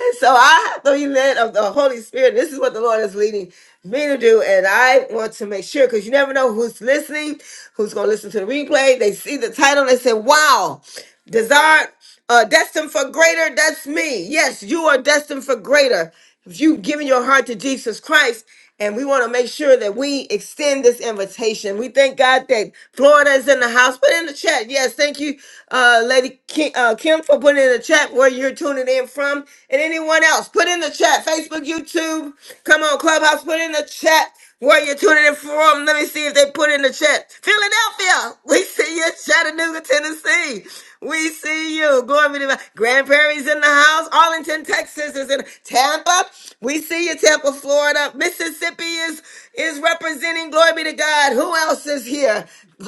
Speaker 1: And so I have to be led of the Holy Spirit. This is what the Lord is leading me to do. And I want to make sure because you never know who's listening, who's going to listen to the replay. They see the title, they say, wow. Desired, uh, destined for greater, that's me. Yes, you are destined for greater. If you've given your heart to Jesus Christ, and we want to make sure that we extend this invitation. We thank God that Florida is in the house. Put in the chat. Yes, thank you, uh, Lady Kim, uh, Kim, for putting in the chat where you're tuning in from. And anyone else, put in the chat. Facebook, YouTube, come on, Clubhouse, put in the chat where you're tuning in from. Let me see if they put in the chat. Philadelphia, we see you. Chattanooga, Tennessee. We see you. Glory be to God. Grand Prairie's in the house. Arlington, Texas is in Tampa. We see you, Tampa, Florida. Mississippi is is representing. Glory be to God. Who else is here?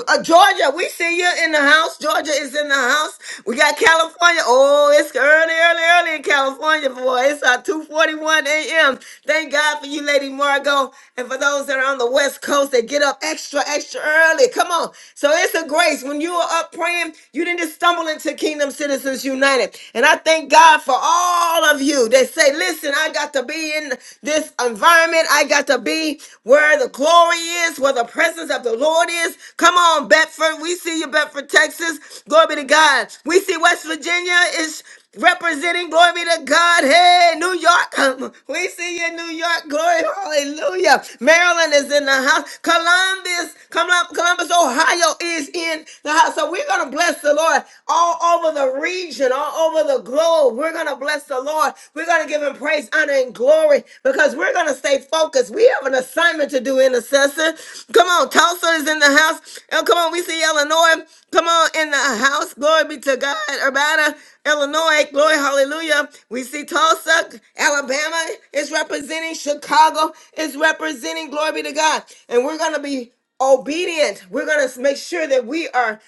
Speaker 1: Uh, Georgia, we see you in the house. Georgia is in the house. We got California. Oh, it's early, early, early in California, boy. It's uh, 2.41 a.m. Thank God for you, Lady Margot. And for those that are on the West Coast, they get up extra, extra early. Come on. So it's a great grace. When you were up praying, you didn't just stumble into Kingdom Citizens United. And I thank God for all of you that say, listen, I got to be in this environment. I got to be where the glory is, where the presence of the Lord is. Come on, Bedford. We see you, Bedford, Texas. Glory be to God. We see West Virginia is representing glory be to God. Hey, New York, we see you in New York. Glory, hallelujah. Maryland is in the house. Columbus, Colum- Columbus, Ohio is in the house. So we're going to bless the Lord all over the region, all over the globe. We're going to bless the Lord. We're going to give him praise, honor, and glory because we're going to stay focused. We have an assignment to do, intercessor. Come on, Tulsa is in the house. Oh, come on, we see Illinois. Come on, in the house. Glory be to God. Urbana, Illinois. Glory, hallelujah. We see Tulsa, Alabama is representing. Chicago is representing. Glory be to God. And we're going to be obedient. We're going to make sure that we are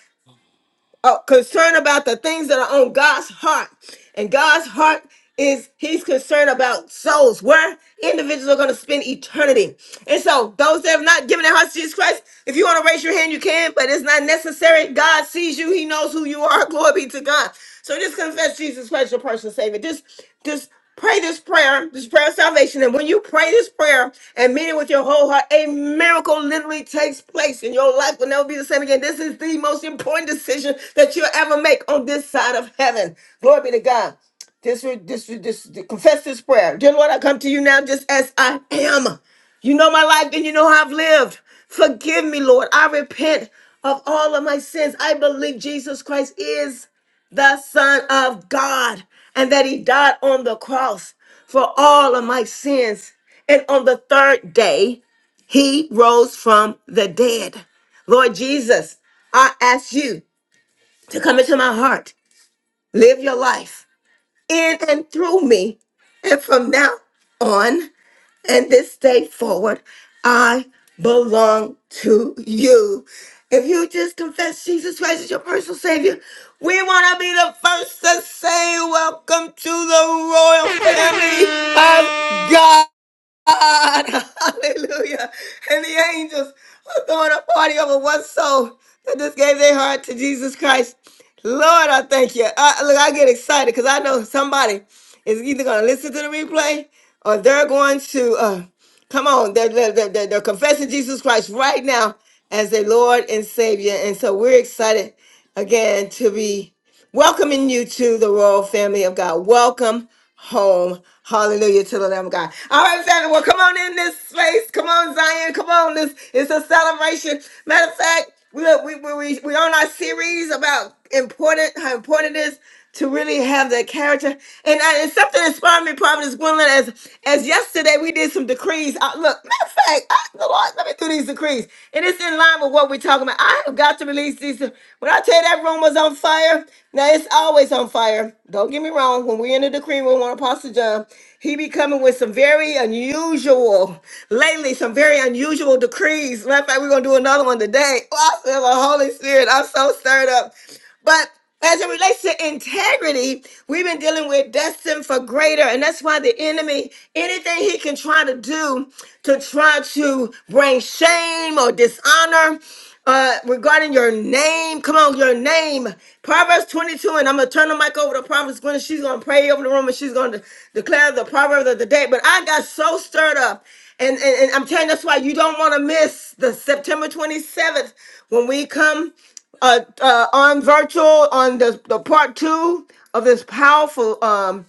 Speaker 1: uh, concerned about the things that are on God's heart. And God's heart is he's concerned about souls where individuals are going to spend eternity. And so, those that have not given their hearts to Jesus Christ, if you want to raise your hand, you can, but it's not necessary. God sees you, He knows who you are. Glory be to God. So, just confess Jesus Christ, your personal Savior. Just, just pray this prayer, this prayer of salvation. And when you pray this prayer and mean it with your whole heart, a miracle literally takes place and your life will never be the same again. This is the most important decision that you'll ever make on this side of heaven. Glory be to God. This would this would this confess this prayer. Dear Lord, I come to you now just as I am. You know my life and you know how I've lived. Forgive me, Lord. I repent of all of my sins. I believe Jesus Christ is the Son of God and that He died on the cross for all of my sins. And on the third day, He rose from the dead. Lord Jesus, I ask you to come into my heart, live your life in and through me. And from now on and this day forward, I belong to you. If you just confess Jesus Christ as your personal Savior, we want to be the first to say, Welcome to the royal family of God. God, hallelujah. And the angels are throwing a party over one soul that just gave their heart to Jesus Christ. Lord, I thank you. I, look, I get excited because I know somebody is either going to listen to the replay or they're going to, uh, come on, they're, they're, they're, they're they're confessing Jesus Christ right now as their Lord and Savior. And so we're excited again to be welcoming you to the royal family of God. Welcome home. Hallelujah to the Lamb of God. All right, family. Well, come on in this space. Come on, Zion. Come on. This it's a celebration. Matter of fact, we we we we we on our series about important how important it is to really have that character. And, I, and something inspired me, Providence Gwendolyn, as as yesterday we did some decrees. I, look, matter of fact, I, the Lord let me do these decrees, and it's in line with what we're talking about. I have got to release these. When I tell you that room was on fire, now it's always on fire. Don't get me wrong. When we're in the decree room on Apostle John, he be coming with some very unusual lately, some very unusual decrees. Matter of fact, we're gonna do another one today. Oh, I feel the Holy Spirit. I'm so stirred up. But as it relates to integrity, we've been dealing with destined for greater, and that's why the enemy, anything he can try to do to try to bring shame or dishonor uh, regarding your name, come on, your name. Proverbs 22, and I'm gonna turn the mic over to Proverbs Gwen. She's gonna pray over the room and she's gonna declare the proverb of the day. But I got so stirred up and, and, and I'm telling you, that's why you don't want to miss the September 27th when we come uh, uh, on virtual on the, the part two of this powerful um,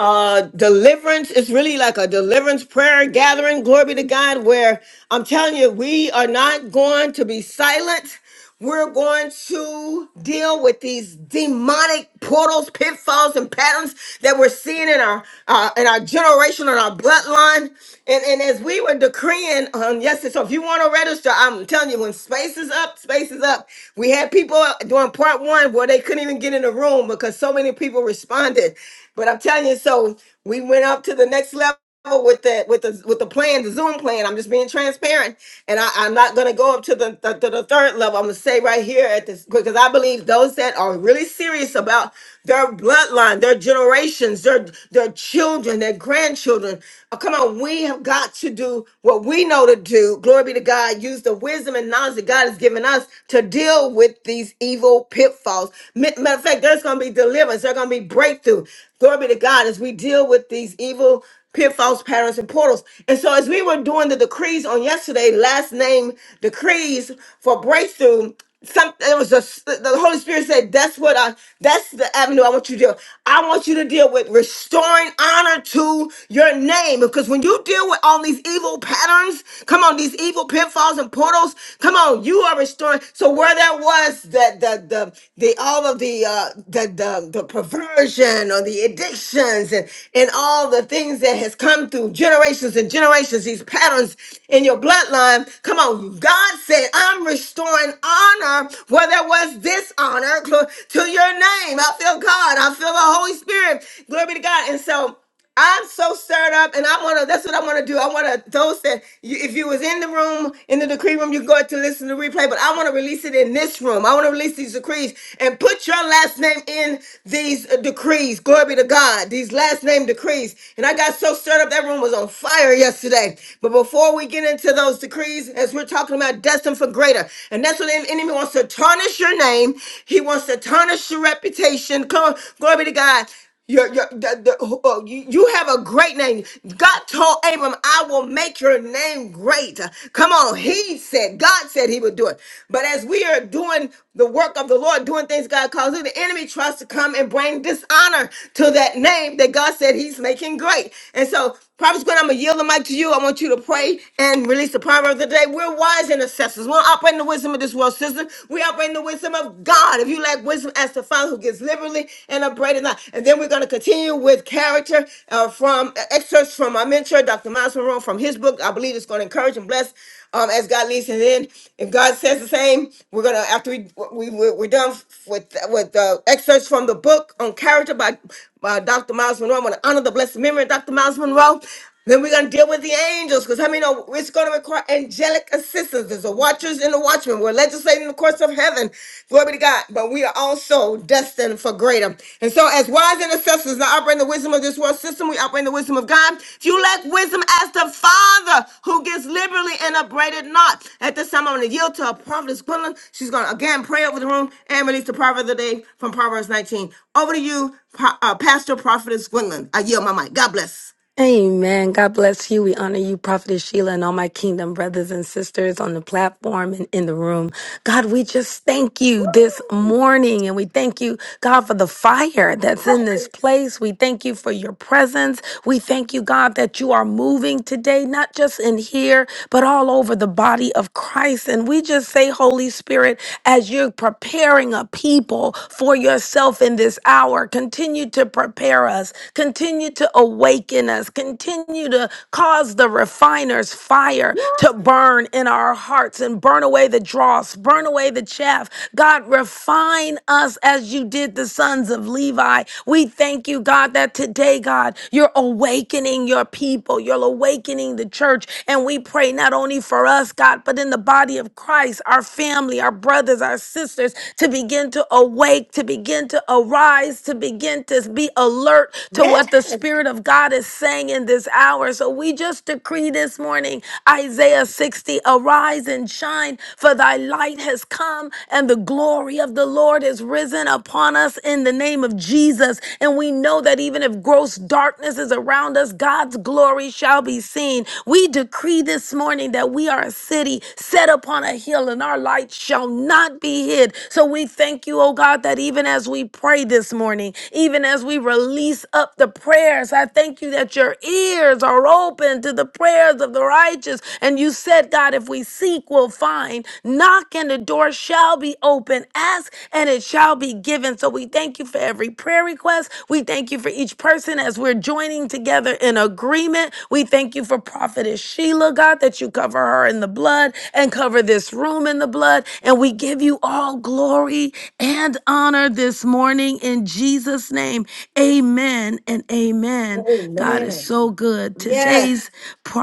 Speaker 1: uh, deliverance is really like a deliverance prayer gathering. Glory be to God, where I'm telling you, we are not going to be silent. We're going to deal with these demonic portals, pitfalls, and patterns that we're seeing in our uh, in our generation, in our bloodline. And, and as we were decreeing on yesterday, so if you want to register, I'm telling you, when space is up, space is up. We had people doing part one where they couldn't even get in the room because so many people responded but I'm telling you, so we went up to the next level with the with the with the plan, the Zoom plan. I'm just being transparent and I, I'm not going to go up to the, the, to the third level. I'm going to say right here at this, because I believe those that are really serious about their bloodline, their generations, their, their children, their grandchildren. Oh, come on, we have got to do what we know to do. Glory be to God. Use the wisdom and knowledge that God has given us to deal with these evil pitfalls. Ma- Matter of fact, there's going to be deliverance. There's going to be breakthrough. Glory be to God as we deal with these evil pitfalls, patterns, and portals. And so, as we were doing the decrees on yesterday, last name decrees for breakthrough, some it was just the the Holy Spirit said, "That's what I. That's the avenue I want you to deal. I want you to deal with restoring honor to your name, because when you deal with all these evil patterns, come on, these evil pitfalls and portals, come on, you are restoring. So where where that was that the the the all of the uh the, the the perversion or the addictions and and all the things that has come through generations and generations these patterns in your bloodline come on god said i'm restoring honor where there was dishonor gl- to your name i feel god i feel the holy spirit glory be to god and so I'm so stirred up, and I wanna. That's what I wanna do. I wanna those that you, if you was in the room in the decree room, you go to listen to the replay. But I wanna release it in this room. I wanna release these decrees and put your last name in these uh, decrees. Glory be to God. These last name decrees. And I got so stirred up. That room was on fire yesterday. But before we get into those decrees, as we're talking about destined for greater, and that's what the enemy wants to tarnish your name. He wants to tarnish your reputation. Come, on, glory be to God. Your, your, the, the, oh, you, you have a great name. God told Abram, I will make your name great. Come on. He said, God said he would do it. But as we are doing the work of the Lord, doing things God calls us, the enemy tries to come and bring dishonor to that name that God said he's making great. And so Prophet Gwen, I'm going to yield the mic to you. I want you to pray and release the proverb of the day. We're wise intercessors. We don't operate in the wisdom of this world system. We operate in the wisdom of God. If you lack wisdom, ask the Father who gives liberally and upbraided not. And then we're going to continue with character uh, from uh, excerpts from my mentor, Dr. Miles Monroe, from his book. I believe it's going to encourage and bless um, as God leads. And then if God says the same, we're going to, after we, we, we- we're done with, with uh, excerpts from the book on character by uh, Dr. Miles Monroe. I'm going to honor the blessed memory of Dr. Miles Monroe. Then we're going to deal with the angels because how many know it's going to require angelic assistance? There's a watchers and a watchman. We're legislating the courts of heaven. Glory be to God. But we are also destined for greater. And so, as wise intercessors, now I bring the wisdom of this this world system. We operate in the wisdom of God. If you lack wisdom as the Father who gives liberally and upbraided not. At this time, I'm going to yield to a prophetess Gwendolyn. She's going to again pray over the room and release the proverb of the day from Proverbs 19. Over to you, Pa- uh, Pastor Prophetess Gwendolyn. I yield my mic. God bless.
Speaker 13: Amen. God bless you. We honor you, Prophetess Sheila, and all my kingdom brothers and sisters on the platform and in the room. God, we just thank you this morning and we thank you, God, for the fire that's in this place. We thank you for your presence. We thank you, God, that you are moving today, not just in here, but all over the body of Christ. And we just say, Holy Spirit, as you're preparing a people for yourself in this hour, continue to prepare us, continue to awaken us, continue to cause the refiner's fire to burn in our hearts and burn away the dross, burn away the chaff. God, refine us as you did the sons of Levi. Levi. We thank you, God, that today, God, you're awakening your people. You're awakening the church. And we pray not only for us, God, but in the body of Christ, our family, our brothers, our sisters, to begin to awake, to begin to arise, to begin to be alert to what the Spirit of God is saying in this hour. So we just decree this morning, Isaiah 60, arise and shine, for thy light has come, and the glory glory of the Lord is risen upon us in the name of Jesus. And we know that even if gross darkness is around us, God's glory shall be seen. We decree this morning that we are a city set upon a hill and our light shall not be hid. So we thank you, oh God, that even as we pray this morning, even as we release up the prayers, I thank you that your ears are open to the prayers of the righteous. And you said, God, if we seek, we'll will find. Knock and the door shall be open. Ask and it shall be given. So we thank you for every prayer request. We thank you for each person as we're joining together in agreement. We thank you for Prophetess Sheila, God, that you cover her in the blood and cover this room in the blood. And we give you all glory and honor this morning in Jesus' name. Amen and amen. God is so good. Today's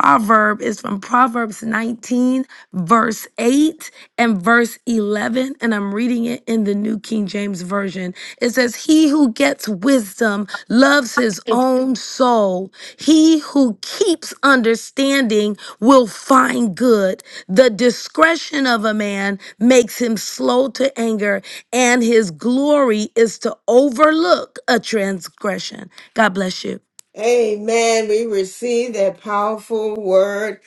Speaker 13: proverb is from Proverbs 19, verse 8 and verse 11. And I'm reading it in the New King James Version. It says, He who gets wisdom loves his own soul. He who keeps understanding will find good. The discretion of a man makes him slow to anger, and his glory is to overlook a transgression. God bless you.
Speaker 1: Amen. We receive that powerful word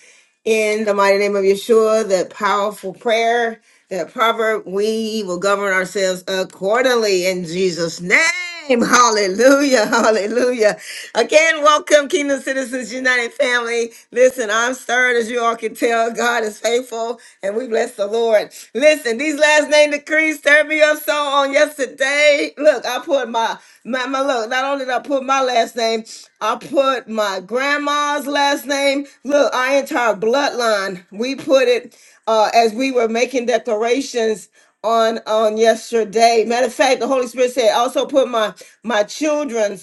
Speaker 1: in the mighty name of Yeshua, that powerful prayer, that proverb. We will govern ourselves accordingly in Jesus' name. Hallelujah. Hallelujah. Again, welcome, Kingdom Citizens United family. Listen, I'm stirred as you all can tell. God is faithful and we bless the Lord. Listen, these last name decrees stirred me up so on yesterday. Look, I put my, my, my look, not only did I put my last name, I put my grandma's last name. Look, our entire bloodline, we put it uh, as we were making declarations on on yesterday. Matter of fact, the Holy Spirit said, also put my my children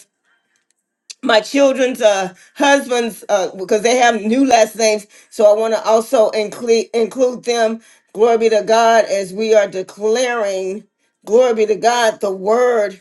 Speaker 1: my children's uh, husbands uh, because they have new last names. So I want to also include include them. Glory be to God as we are declaring. Glory be to God. The word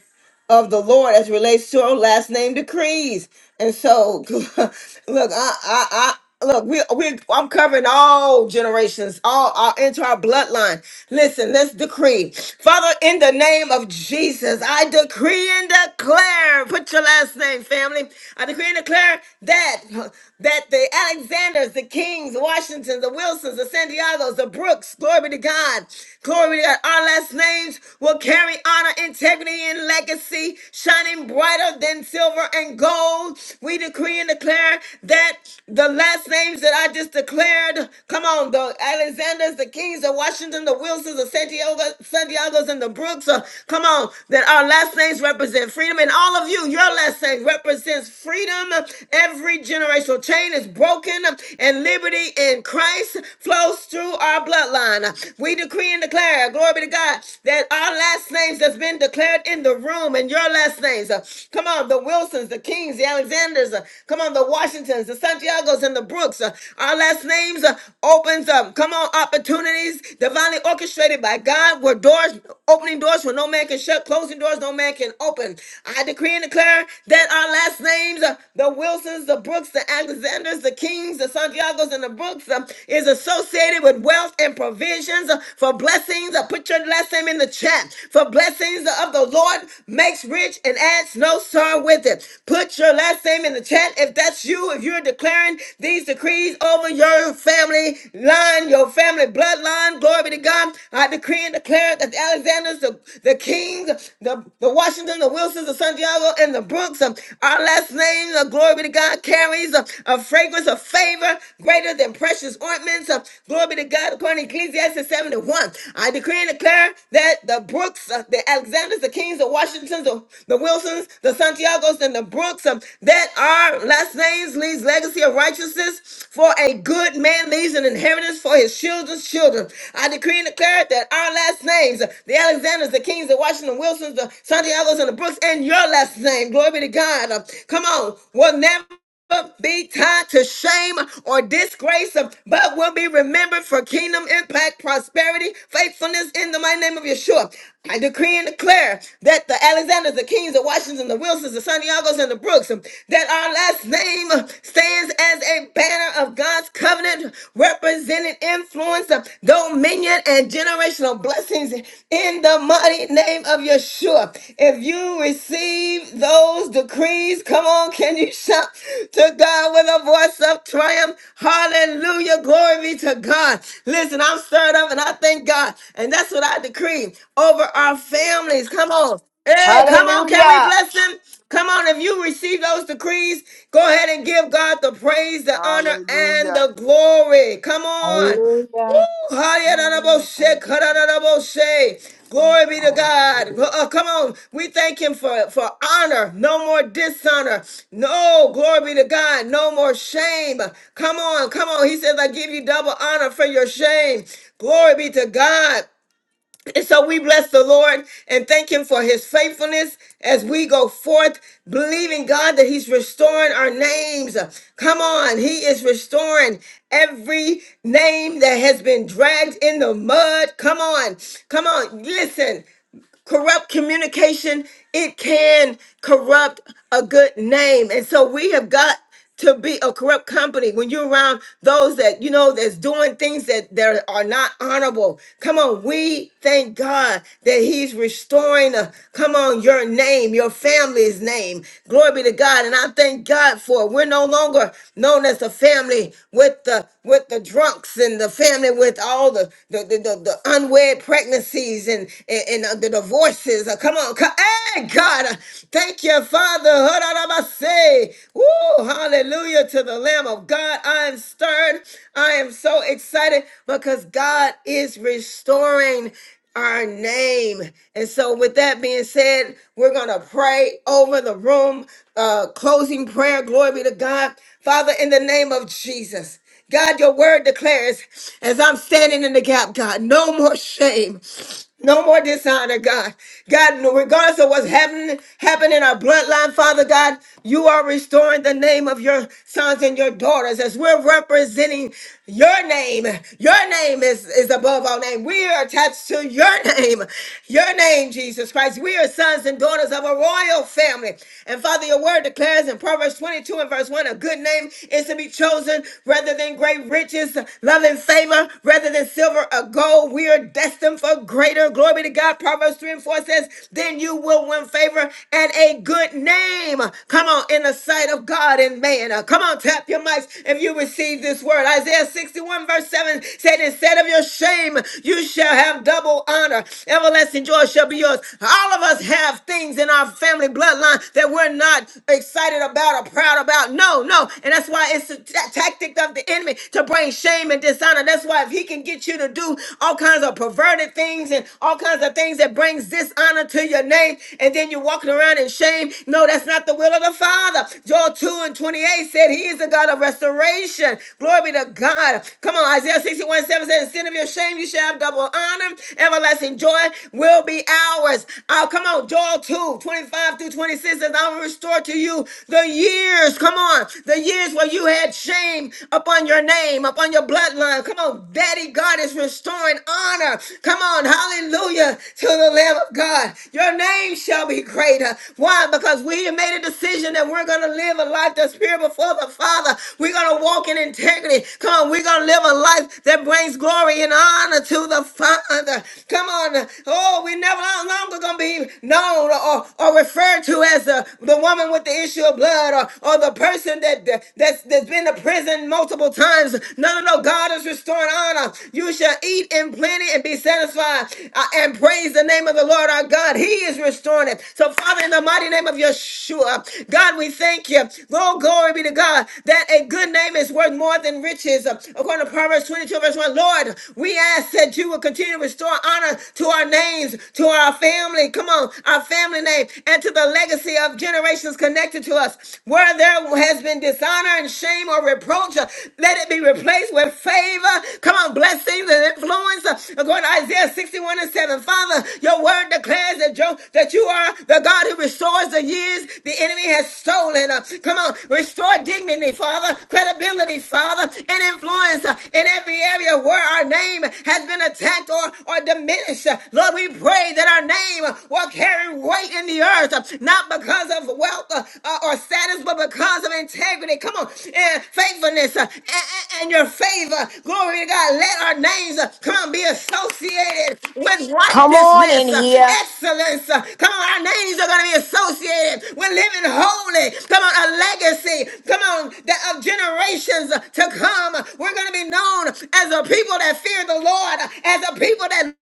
Speaker 1: of the Lord as it relates to our last name decrees. And so, look, I, I, I look, we, we, I'm covering all generations, all, all into our bloodline. Listen, let's decree, Father, in the name of Jesus, I decree and declare. Put your last name, family. I decree and declare that that the Alexanders, the Kings, Washingtons, the Wilsons, the San Diegos, the Brooks, glory be to God, glory be to God, our last names will carry honor, integrity, and legacy, shining brighter than silver and gold. We decree and declare that the last names that I just declared, come on, the Alexanders, the Kings, the Washington, the Wilsons, the San Diego, San Diegos, and the Brooks, uh, come on, that our last names represent freedom, and all of you, your last name represents freedom every generation generational chain is broken and liberty in Christ flows through our bloodline. We decree and declare, glory be to God, that our last names that's been declared in the room and your last names. uh, Come on, the Wilsons, the Kings, the Alexanders, uh, come on, the Washingtons, the Santiagos, and the Brooks. uh, Our last names uh, opens up. Come on, opportunities divinely orchestrated by God where doors opening doors where no man can shut, closing doors no man can open. I decree and declare that our last names, uh, the Wilsons, the Brooks, Brooks, the Alexanders, the Kings, the Santiagos, and the Brooks uh, is associated with wealth and provisions uh, for blessings. Uh, Put your last name in the chat. For blessings of the Lord makes rich and adds no sorrow with it. Put your last name in the chat if that's you, if you're declaring these decrees over your family line, your family bloodline. Glory be to God. I decree and declare that the Alexanders, the, the Kings, the, the Washington, the Wilsons, the Santiago, and the Brooks, um, our last names, uh, glory be to God, carries a, a fragrance of favor greater than precious ointments. Uh, glory be to God, according to Ecclesiastes 71. I decree and declare that the Brooks, uh, the Alexanders, the Kings, the Washingtons, the, the Wilsons, the Santiagos, and the Brooks, um, that our last names leaves legacy of righteousness for a good man leaves an inheritance for his children's children. I decree and declare that our last names, uh, the Alexanders, the Kings, the Washington Wilsons, the Santiagos, and the Brooks, and your last name, glory be to God, uh, come on, will never be tied to shame or disgrace, but will be remembered for kingdom impact, prosperity, faithfulness in the mighty name of Yeshua. I decree and declare that the Alexanders, the Kings, the Washingtons, the Wilsons, the Santiagos, and the Brooks, that our last name stands as a banner of God's covenant, representing influence, dominion, and generational blessings in the mighty name of Yeshua. If you receive those decrees, come on, can you shout to God with a voice of triumph? Hallelujah. Glory be to God. Listen, I'm stirred up and I thank God. And that's what I decree over our families. Come on. Hey, come on, can we
Speaker 11: Hallelujah!
Speaker 1: bless them? Come on, if you receive those decrees, go ahead and give God the praise, the honor, and
Speaker 12: Hallelujah.
Speaker 1: the glory. Come on. Woo!
Speaker 14: Hallelujah.
Speaker 1: Hayarabose,
Speaker 14: Thank you, Jesus.
Speaker 1: kararabose. Glory be to God. Uh, come on. We thank him for, for honor. No more dishonor. No, glory be to God. No more shame. Come on, come on. He says, I give you double honor for your shame. Glory be to God. And so we bless the Lord and thank Him for His faithfulness as we go forth, believing God that He's restoring our names. Come on, He is restoring every name that has been dragged in the mud. Come on, come on, listen corrupt communication, it can corrupt a good name. And so we have got to be a corrupt company when you're around those that you know that's doing things that that are not honorable come on we thank god that he's restoring uh, come on your name your family's name glory be to god and i thank god for it. we're no longer known as the family with the with the drunks and the family with all the the the, the, the unwed pregnant pregnancies and, and, and, uh, the divorces. Uh, Come on. co- Hey, God. uh, Thank you, Father. Hararabase. Woo, hallelujah to the Lamb of God. I am stirred. I am so excited because God is restoring our name. And so, with that being said, we're going to pray over the room. Uh, closing prayer. Glory be to God. Father, in the name of Jesus. God, your word declares, as I'm standing in the gap, God, no more shame. No more dishonor, God. God, regardless of what's happening, happening in our bloodline, Father God, you are restoring the name of your sons and your daughters as we're representing your name, your name is, is above all name. We are attached to your name, your name, Jesus Christ. We are sons and daughters of a royal family. And Father, your word declares in Proverbs 22 and verse 1 a good name is to be chosen rather than great riches, love and favor, rather than silver or gold. We are destined for greater. Glory be to God. Proverbs 3 and 4 says, Then you will win favor and a good name. Come on, in the sight of God. God and man. Uh, come on, tap your mics if you receive this word. Isaiah 61, verse 7 said, Instead of your shame, you shall have double honor. Everlasting joy shall be yours. All of us have things in our family bloodline that we're not excited about or proud about. No, no. And that's why it's a ta- tactic of the enemy to bring shame and dishonor. That's why if he can get you to do all kinds of perverted things and all kinds of things that brings dishonor to your name, and then you're walking around in shame. No, that's not the will of the Father. Joel 2 and 28 said he is the God of restoration. Glory be to God. Come on, Isaiah 61 7 says, Instead of your shame, you shall have double honor. Everlasting joy will be ours. Oh, come on, Joel 2 25 through 26 says, I will restore to you the years. Come on, the years where you had shame upon your name, upon your bloodline. Come on, Daddy God is restoring honor. Come Come on, hallelujah to the Lamb of God. Your name shall be greater. Why? Because we have made a decision that we're going to live a life that's pure before the Father. We're going to walk in integrity. Come on, we're going to live a life that brings glory and honor to the Father. Come on. Oh, we never no longer going to be known or, or referred to as the, the woman with the issue of blood or, or the person that, that's, that's been to prison multiple times. None no, no, no. God is restoring honor. You shall eat in plenty and be satisfied uh, and praise the name of the Lord our God. He is restoring it. So, Father, in the mighty name of Yeshua, God, we thank you. Lord, glory be to God that a good name is worth more than riches. Uh, According to Proverbs 22, verse 1, Lord, we ask that you will continue to restore honor to our names, to our family. Come on, our family name, and to the legacy of generations connected to us. Where there where has been dishonor and shame or reproach, uh, let it be replaced with favor. Come on, blessings and influence. uh, According to Isaiah 61 and 7, Father, your word declares that, you that you are the God who restores the years the enemy has stolen. Uh, Come on, restore dignity, Father, credibility, Father, and influence uh, in every area where our name has been attacked or, or diminished. Uh, Lord, we pray that our name uh, will carry weight in the earth, uh, not because of wealth uh, uh, or status, but because of integrity. Come on, and faithfulness uh, and, and your favor. Glory to God. Let our names uh, come on be associated with
Speaker 11: Come on in
Speaker 1: righteousness, uh,
Speaker 11: here.
Speaker 1: excellence. uh, Come on, our names are going to be associated with living holy. Come on, a legacy. Come on, that of generations uh, to come. We're going to be known as a people that fear the Lord, as a people that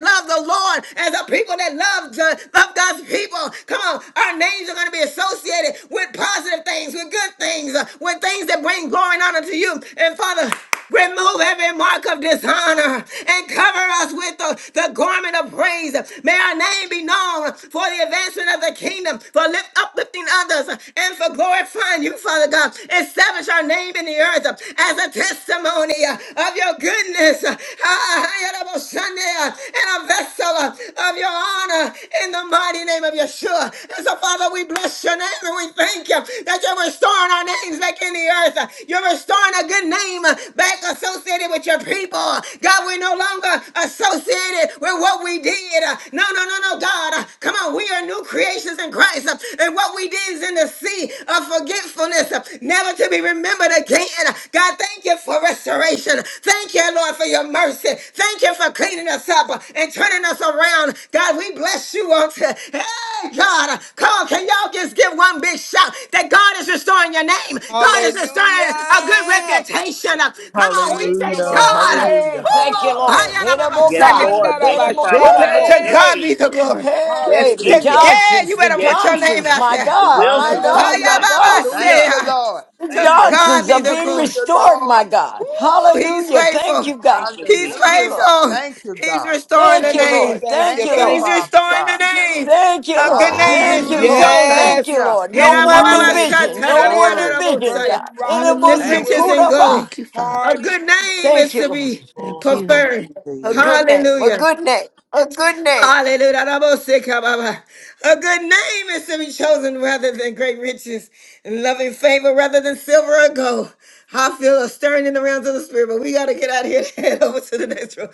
Speaker 1: love the Lord and the people that love, the, love God's people. Come on, our names are going to be associated with positive things, with good things, uh, with things that bring glory and honor to you. And Father, remove every mark of dishonor and cover us with the, the garment of praise. May our name be known for the advancement of the kingdom, for lift, uplifting others, and for glorifying you, Father God. Establish our name in the earth as a testimony uh, of your goodness uh, and a vessel uh, of your honor in the mighty name of Yeshua. And so, Father, we bless your name and we thank you that you're restoring our names back in the earth. Uh, You're restoring a good name uh, back associated with your people. God, we're no longer associated with what we did. Uh, No, no, no, no, God. Uh, Come on, we are new creations in Christ and what we did is in the sea of forgetfulness, uh, never to be remembered again. God, thank you for restoration. Thank you, Lord, for your mercy. Thank you for cleaning us up uh, and turning us around. God, we bless you on today. Hey, God, uh, come on, can y'all just give one big shout that God is restoring your name? God is restoring a good
Speaker 12: Hallelujah.
Speaker 1: reputation. Uh, Come on, we
Speaker 12: Thank you,
Speaker 1: thank
Speaker 3: Hallelujah,
Speaker 1: God.
Speaker 12: Lord.
Speaker 11: Hey,
Speaker 3: hallelujah,
Speaker 11: thank you,
Speaker 3: hallelujah.
Speaker 11: Lord.
Speaker 15: Yes,
Speaker 1: Woo!
Speaker 11: Dedabokad,
Speaker 15: Lord. Thank you, Father
Speaker 1: Woo!
Speaker 15: God.
Speaker 11: dedabokadabo.
Speaker 1: To
Speaker 15: Yes,
Speaker 1: God
Speaker 12: Shandarabashete.
Speaker 1: be the
Speaker 15: Jesus.
Speaker 1: glory.
Speaker 15: Yes,
Speaker 11: Hey, the
Speaker 1: To-
Speaker 15: Jesus.
Speaker 12: Hallelujah.
Speaker 1: yeah,
Speaker 11: Johnsons,
Speaker 1: you
Speaker 11: the
Speaker 1: better
Speaker 15: Yes,
Speaker 1: put your name
Speaker 15: Jesus.
Speaker 11: Johnsons,
Speaker 1: out
Speaker 11: my
Speaker 1: there.
Speaker 15: The
Speaker 11: God, my
Speaker 15: Wilsons, Lord
Speaker 11: God, my
Speaker 16: Hallelujah.
Speaker 15: God.
Speaker 11: God.
Speaker 16: Thank
Speaker 15: Hallelujah.
Speaker 16: you,
Speaker 1: Ayababasea.
Speaker 16: Lord.
Speaker 11: The
Speaker 15: Thank
Speaker 1: To
Speaker 15: you,
Speaker 1: God
Speaker 11: Johnsons are
Speaker 1: be
Speaker 15: Jesus.
Speaker 1: the
Speaker 11: being
Speaker 16: Thank
Speaker 1: glory.
Speaker 16: you,
Speaker 11: restored, my
Speaker 16: Lord.
Speaker 1: Woo,
Speaker 11: God.
Speaker 1: he's
Speaker 11: Hallelujah. Thank
Speaker 1: faithful.
Speaker 11: you, God.
Speaker 15: Thank you,
Speaker 1: He's
Speaker 15: Jesus.
Speaker 11: Thank you, Lord.
Speaker 16: Hallelujah.
Speaker 1: faithful.
Speaker 16: Thank you,
Speaker 1: He's
Speaker 16: God.
Speaker 1: restoring the
Speaker 11: Thank you,
Speaker 12: Thank you,
Speaker 1: name.
Speaker 11: Lord.
Speaker 12: thank
Speaker 11: Thank
Speaker 12: you,
Speaker 16: Thank
Speaker 11: you,
Speaker 16: you,
Speaker 12: thank
Speaker 1: He's
Speaker 11: Lord.
Speaker 12: you.
Speaker 16: Father
Speaker 1: restoring the
Speaker 16: God.
Speaker 1: name.
Speaker 11: Thank you,
Speaker 1: A good
Speaker 11: Lord.
Speaker 1: name is
Speaker 11: Thank
Speaker 1: to
Speaker 11: you,
Speaker 1: be
Speaker 17: Hallelujah.
Speaker 16: Hallelujah.
Speaker 11: Lord.
Speaker 1: chosen.
Speaker 16: Thank
Speaker 11: Thank
Speaker 12: Yes.
Speaker 11: you,
Speaker 16: you.
Speaker 11: Lord. No more
Speaker 17: Hallelujah.
Speaker 11: division. No
Speaker 12: Hallelujah.
Speaker 11: more
Speaker 16: Glory.
Speaker 11: division, God.
Speaker 1: Herabababashatarariarabosaya.
Speaker 12: Burton
Speaker 1: Then
Speaker 12: Robinson
Speaker 17: Hallelujah.
Speaker 16: Thank
Speaker 1: riches and
Speaker 12: Williams
Speaker 11: Dedabosukudaba.
Speaker 1: gold.
Speaker 17: Thank you, Father.
Speaker 1: A
Speaker 12: Hardy.
Speaker 1: good name
Speaker 11: Thank
Speaker 1: is
Speaker 11: you,
Speaker 1: to
Speaker 11: Lord.
Speaker 1: be
Speaker 17: Thank you.
Speaker 1: preferred.
Speaker 11: A
Speaker 3: Urobosite,
Speaker 11: good name, a
Speaker 1: Hallelujah.
Speaker 11: good name, a good name.
Speaker 1: Hallelujah. Rabosekababa. A good name is to be chosen rather than great riches, and loving favor rather than silver or gold. I feel a stirring in the realms of the spirit, but we got to get out of here and head over to the next room.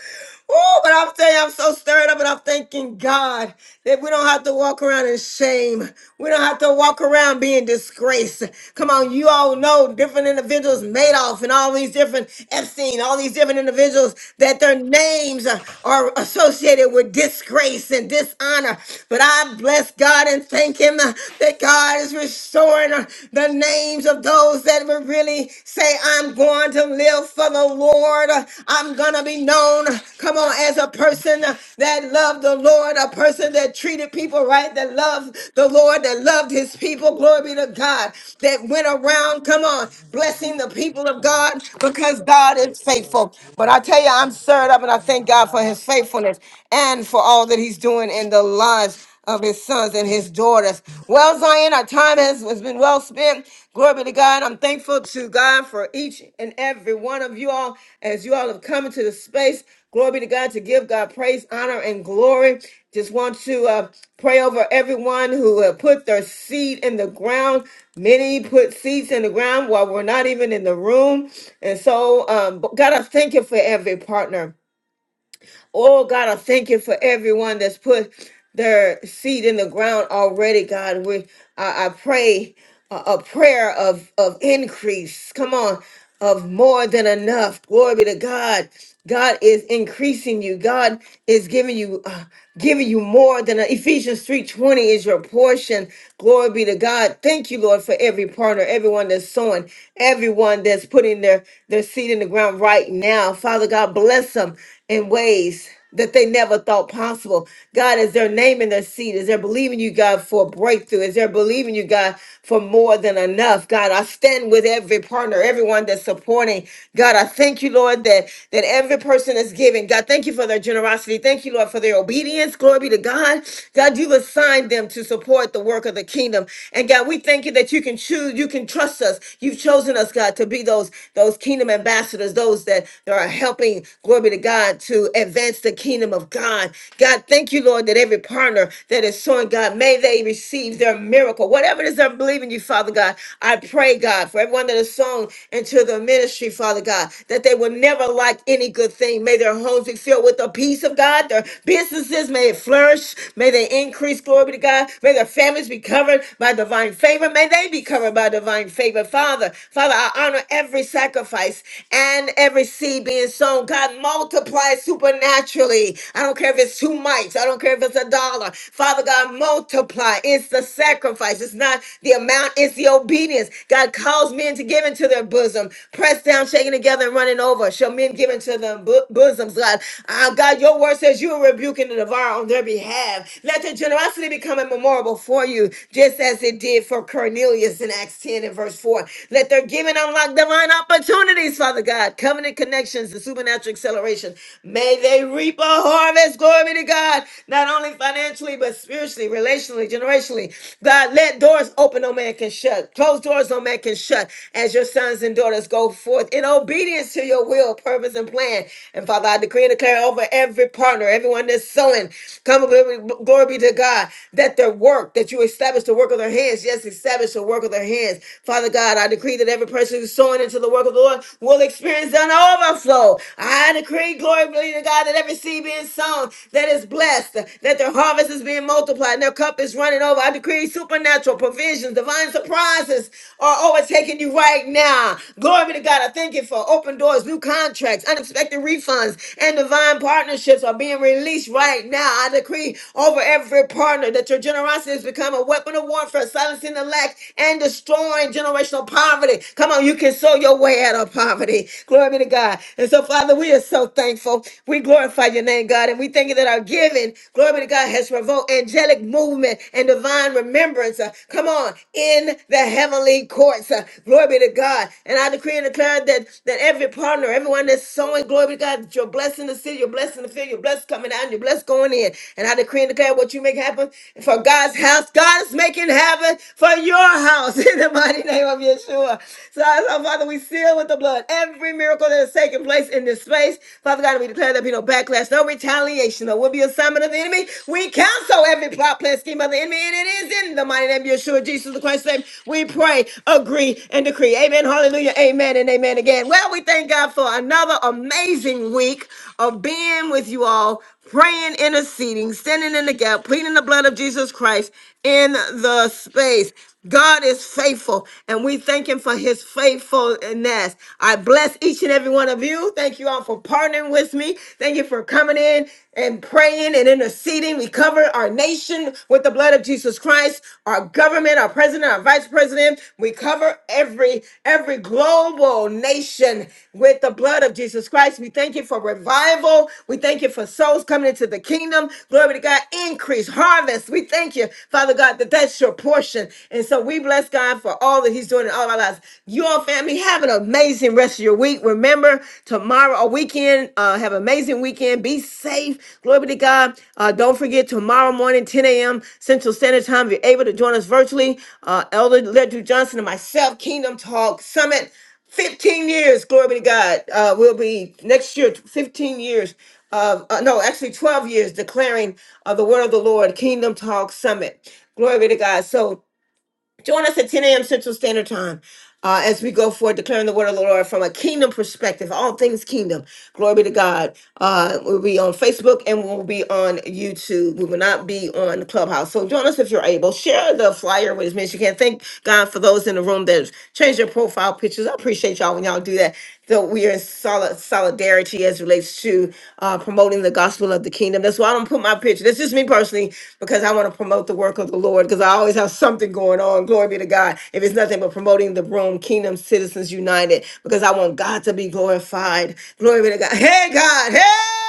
Speaker 1: Oh, but I'm telling you, I'm so stirred up and I'm thanking God that we don't have to walk around in shame. We don't have to walk around being disgraced. Come on, you all know different individuals, Madoff and all these different Epstein, all these different individuals, that their names are associated with disgrace and dishonor. But I bless God and thank Him uh, that God is restoring uh, the names of those that would really say, I'm going to live for the Lord. Uh, I'm going to be known, uh, come on, as a person uh, that loved the Lord, a person that treated people right, that loved the Lord, that loved His people. Glory be to God, that went around, come on, blessing blessing the people of God because God is faithful. But I tell you, I'm stirred up and I thank God for his
Speaker 16: you.
Speaker 1: faithfulness and for all that he's doing in the lives of his sons and his daughters. Well, Zion, our time has, has been well spent. Glory be to God. I'm thankful to God for each and every one of you all as you all have come into the space. Glory be to God to give God praise, honor, and glory. Just want to uh, pray over everyone who have put their seed in the ground. Many put seeds in the ground while we're not even in the room. And so, um, but God, I thank you for every partner. Oh, God, I thank you for everyone that's put their seed in the ground already, God. We, I, I pray a, a prayer of, of increase. Come on, of more than enough. Glory be to God. God is increasing you. God is giving you. uh, giving you more than a, Ephesians 3:20 is your portion. Glory be to God. Thank you, Lord, for every partner, everyone that's sowing, everyone that's putting their, their seed in the ground right now. Father God, bless them in ways that they never thought possible. God, is their name in their seed? Is there believing you, God, for a breakthrough? Is there believing you, God, for more than enough? God, I stand with every partner, everyone that's supporting. God, I thank you, Lord, that that every person that's giving. God, thank you for their generosity. Thank you, Lord, for their obedience. Glory be to God. God, you've assigned them to support the work of the kingdom. And God, we thank you that you can choose, you can trust us. You've chosen us, God, to be those, those kingdom ambassadors, those that are helping, glory be to God, to advance the kingdom of God. God, thank you, Lord, that every partner that is sowing, God, may they receive their miracle. Whatever it is they're believing you, Father God, I pray, God, for everyone that is sown into the ministry, Father God, that they will never lack any good thing. May their homes be filled with the peace of God. Their businesses may it flourish. May they increase. Glory be to God. May their families be covered by divine favor. May they be covered by divine favor. Father, Father, I honor every sacrifice and every seed being sown. God, multiply supernaturally. I don't care if it's two mites. I don't care if it's a dollar. Father God, multiply. It's the sacrifice. It's not the amount. It's the obedience. God calls men men to give into their bosom, pressed down, shaken together, and running over. Shall men give into their bo- bosoms, God? Ah, God, your word says you are rebuking the devourer on their behalf. Let their generosity become a memorial for you, just as it did for Cornelius in Acts 10 and verse 4. Let their giving unlock divine opportunities, Father God, covenant connections, the supernatural acceleration. May they reap a harvest, glory be to God, not only financially, but spiritually, relationally, generationally. God, let doors open open, no man can shut. Closed doors, no man can shut. As your sons and daughters go forth in obedience to your will, purpose, and plan. And Father, I decree and declare over every partner, everyone that's sowing, come glory, glory be to God, that their work, that you establish the work of their hands. Yes, establish the work of their hands. Father God, I decree that every person who's sowing into the work of the Lord will experience an overflow. I decree, glory be to God, that every seed being sown, that is blessed, that their harvest is being multiplied their cup is running over. I decree supernatural provisions, divine surprises are overtaking you right now. Glory be to God. I thank you for open doors, new contracts, unexpected refunds, and divine partnerships are being released right now. I decree over every partner that your generosity has become a weapon of warfare, silencing the lack and destroying generational poverty. Come on, you can sow your way out of poverty. Glory be to God. And so, Father, we are so thankful. We glorify your name, God, and we thank you that our uh, giving, glory be to God, has provoked angelic movement and divine remembrance. uh, come on, in the heavenly courts. uh, glory be to God. And I decree and declare that, that every partner, everyone that's sowing, glory be to God, you're blessing the city, you're blessing the field, you're blessed coming out, and you're blessed going in. And I decree and declare what you make happen for God's house. God is making heaven for your house in the mighty name of Yeshua. So, so Father, we seal with the blood every miracle that has taken place in this space. Father God, and we declare there be no backlash, no retaliation, no will be assignment of the enemy. We cancel every plot, plan, scheme of the enemy, and it is in the mighty name of Yeshua, Jesus the Christ's name. We pray, agree, and decree. Amen, hallelujah, amen, and amen again. Well, we thank God for another amazing week of being with you all, praying, interceding, standing in the gap, pleading the blood of Jesus Christ in the space. God is faithful, and we thank Him for His faithfulness. I bless each and every one of you. Thank you all for partnering with me. Thank you for coming in and praying and interceding. We cover our nation with the blood of Jesus Christ, our government, our president, our vice president. We cover every every global nation with the blood of Jesus Christ. We thank you for revival. We thank you for souls coming into the kingdom. Glory to God. Increase harvest. We thank you, Father God, that that's your portion. And so we bless God for all that He's doing in all of our lives. You all, family, have an amazing rest of your week. Remember, tomorrow, a weekend, uh, have an amazing weekend. Be safe. Glory be to God. Uh, don't forget, tomorrow morning, 10 a.m. Central Standard Time, if you're able to join us virtually, uh, Elder Ledru Johnson and myself, Kingdom Talk Summit. 15 years, glory be to God. Uh, we'll be next year, 15 years of, uh, no, actually 12 years declaring uh, the word of the Lord, Kingdom Talk Summit. Glory be to God. So Join us at 10 a.m. Central Standard Time uh, as we go forward declaring the word of the Lord from a kingdom perspective, all things kingdom. Glory be to God. Uh, we'll be on Facebook and we'll be on YouTube. We will not be on Clubhouse. So join us if you're able. Share the flyer with as many as you can. Thank God for those in the room that changed their profile pictures. I appreciate y'all when y'all do that. So we are in solid solidarity as relates to uh, promoting the gospel of the kingdom. That's why I don't put my picture. That's just me personally because I want to promote the work of the Lord because I always have something going on. Glory be to God. If it's nothing but promoting the room, Kingdom Citizens United, because I want God to be glorified. Glory be to God. Hey God. Hey.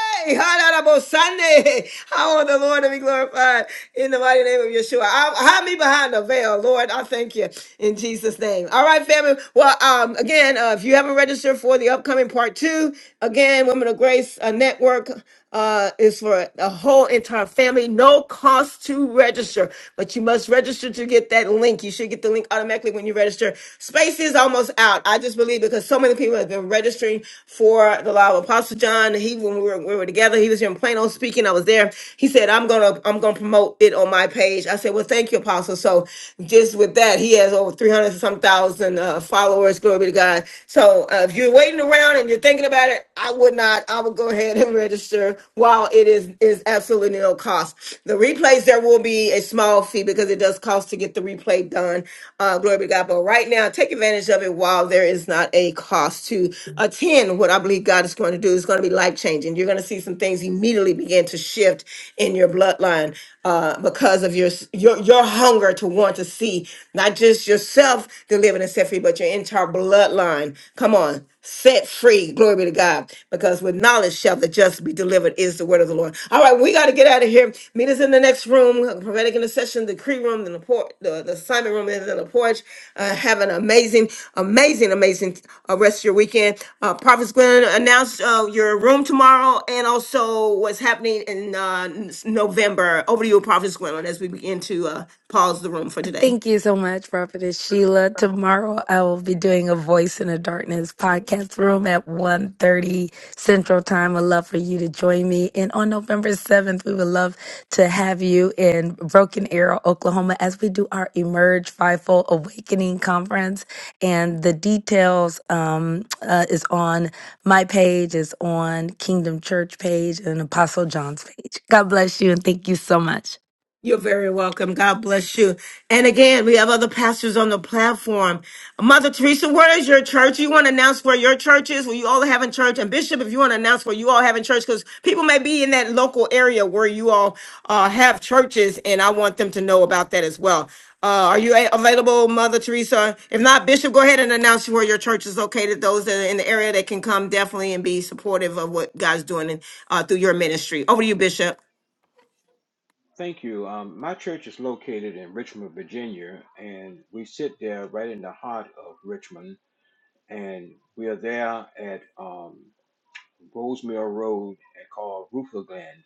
Speaker 1: Sunday. How will the Lord to be glorified in the mighty name of Yeshua? I, hide me behind the veil, Lord. I thank you in Jesus' name. All right, family. Well, um, again, uh, if you haven't registered for the upcoming part two, again, Women of Grace uh, Network uh, is for the whole entire family, no cost to register. But you must register to get that link. You should get the link automatically when you register. Space is almost out. I just believe because so many people have been registering for the law of Apostle John. He when we were, we were together, he was here in Plano speaking. I was there. He said, "I'm gonna I'm gonna promote it on my page." I said, "Well, thank you, Apostle." So just with that, he has over 300 and some thousand uh, followers. Glory be to God. So uh, if you're waiting around around and you're thinking about it, I would not. I would go ahead and register while it is is absolutely no cost. The replays there will be a small fee because it does cost to get the replay done. Uh, glory be to God. But right now, take advantage of it while there is not a cost to attend. What I believe God is going to do is going to be life changing. You're going to see some things immediately begin to shift in your bloodline uh, because of your, s- your your hunger to want to see not just yourself delivered and set free, but your entire bloodline. Come on, set free. Glory be to God. Because with knowledge shall the just be delivered, is the word of the Lord. All right, we got to get out of here. Meet us in the next room prophetic intercession decree room, the, por- the, the assignment room, and then the porch. Uh, have an amazing, amazing, amazing uh, rest of your weekend. Uh, Prophet's going to uh, your room tomorrow and also what's happening in uh, November. Over to you, Prophet Gwendolyn, as we begin to uh, pause the room for today.
Speaker 13: Thank you so much, Prophetess Sheila. Tomorrow I will be doing a Voice in the Darkness podcast room at one thirty Central Time. I'd love for you to join me. And on November 7th, we would love to have you in Broken Arrow, Oklahoma, as we do our Emerge Fivefold Awakening Conference. And the details um, uh, is on my page, is on Kingdom Church page, and Apostle John's page. God bless you, and thank you so much.
Speaker 1: You're very welcome. God bless you. And again, we have other pastors on the platform. Mother Teresa, where is your church? You want to announce where your church is, where you all have in church? And Bishop, if you want to announce where you all have in church, because people may be in that local area where you all uh, have churches, and I want them to know about that as well. Uh, are you a- available, Mother Teresa? If not, Bishop, go ahead and announce where your church is located. Those that are in the area that can come definitely and be supportive of what God's doing in, uh, through your ministry. Over to you, Bishop.
Speaker 18: Thank you. Um, my church is located in Richmond, Virginia, and we sit there right in the heart of Richmond. And we are there at um, Rosemary Road and called Rooferland.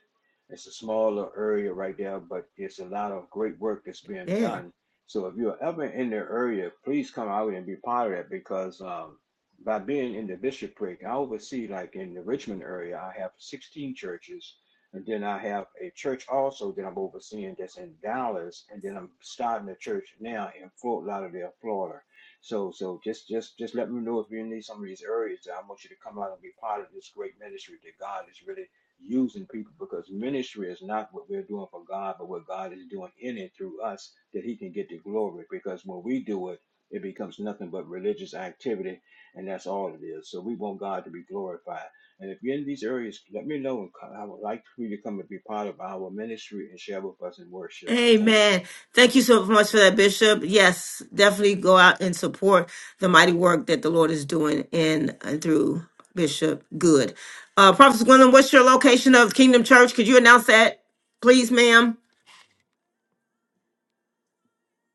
Speaker 18: It's a smaller area right there, but it's a lot of great work that's being done. So if you're ever in the area, please come out and be part of it because um, by being in the bishopric, I oversee like in the Richmond area, I have 16 churches. And then I have a church also that I'm overseeing that's in Dallas. And then I'm starting a church now in Fort Lauderdale, Florida. So so just just just let me know if you're in these- some of these areas. I want you to come out and be part of this great ministry that God is really using people because ministry is not what we're doing for God, but what God is doing in and through us that He can get the glory. Because when we do it, it becomes nothing but religious activity, and that's all it is. So we want God to be glorified. And if you're in these areas, let me know. and co- I would like for you to come and be part of our ministry and share with us in worship. Thank you.
Speaker 1: Amen. Thank you so much for that, Bishop. Yes, definitely go out and support the mighty work that the Lord is doing in and through Bishop Good. Uh, Prophet Gwendolyn, what's your location of Kingdom Church? Could you announce that, please, ma'am?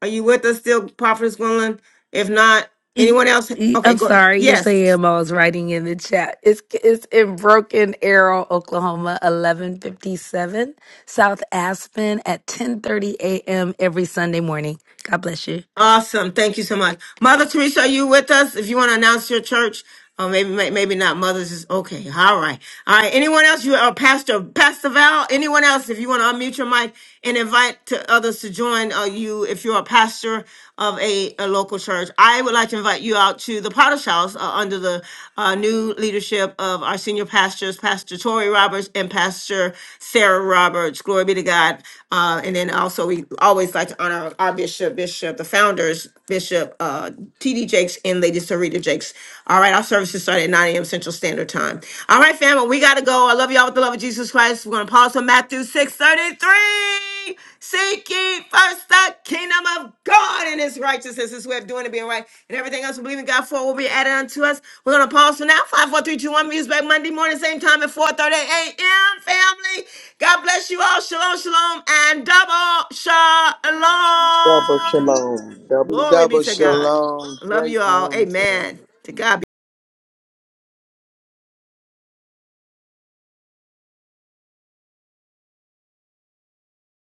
Speaker 1: Are you with us still, Prophet Gwendolyn? If not,
Speaker 13: E-
Speaker 1: anyone else?
Speaker 13: e-
Speaker 1: Okay,
Speaker 13: I'm
Speaker 1: go.
Speaker 13: sorry. Yes, I
Speaker 1: Yes.
Speaker 13: am. I was writing in the chat. It's it's in Broken Arrow, Oklahoma, 1157 South Aspen at 10:30 a.m. every Sunday morning. God bless you.
Speaker 1: Awesome. Thank you so much. Mother Teresa, are you with us? If you want to announce your church, or maybe may- maybe not. Mother's is okay. All right. All right. Anyone else? You are Pastor Pastor Val. Anyone else? If you want to unmute your mic and invite to others to join uh, you, if you're a pastor of a, a local church, I would like to invite you out to the Potter's House uh, under the uh, new leadership of our senior pastors, Pastor Tori Roberts and Pastor Sarah Roberts. Glory be to God. Uh, and then also we always like to honor our bishop, Bishop, the founders, Bishop uh, T.D. Jakes and Lady Sarita Jakes six. All right, our services start at 9 a.m. Central Standard Time. All right, family, we gotta go. I love y'all with the love of Jesus Christ. We're gonna pause on Matthew 6:33. Seek ye first the kingdom of God and his righteousness, his way of doing it, being right, and everything else we believe in God for will be added unto us. We're gonna pause for now. Five, four, three, two, one. Meet us back Monday morning, same time at 4:30 a.m. Family, God bless you all. Shalom, shalom, and double shalom.
Speaker 15: Double shalom.
Speaker 1: Glory be
Speaker 12: Double
Speaker 1: to God.
Speaker 12: shalom.
Speaker 1: Love
Speaker 12: Great
Speaker 1: you all.
Speaker 12: room today.
Speaker 1: Amen. To God. be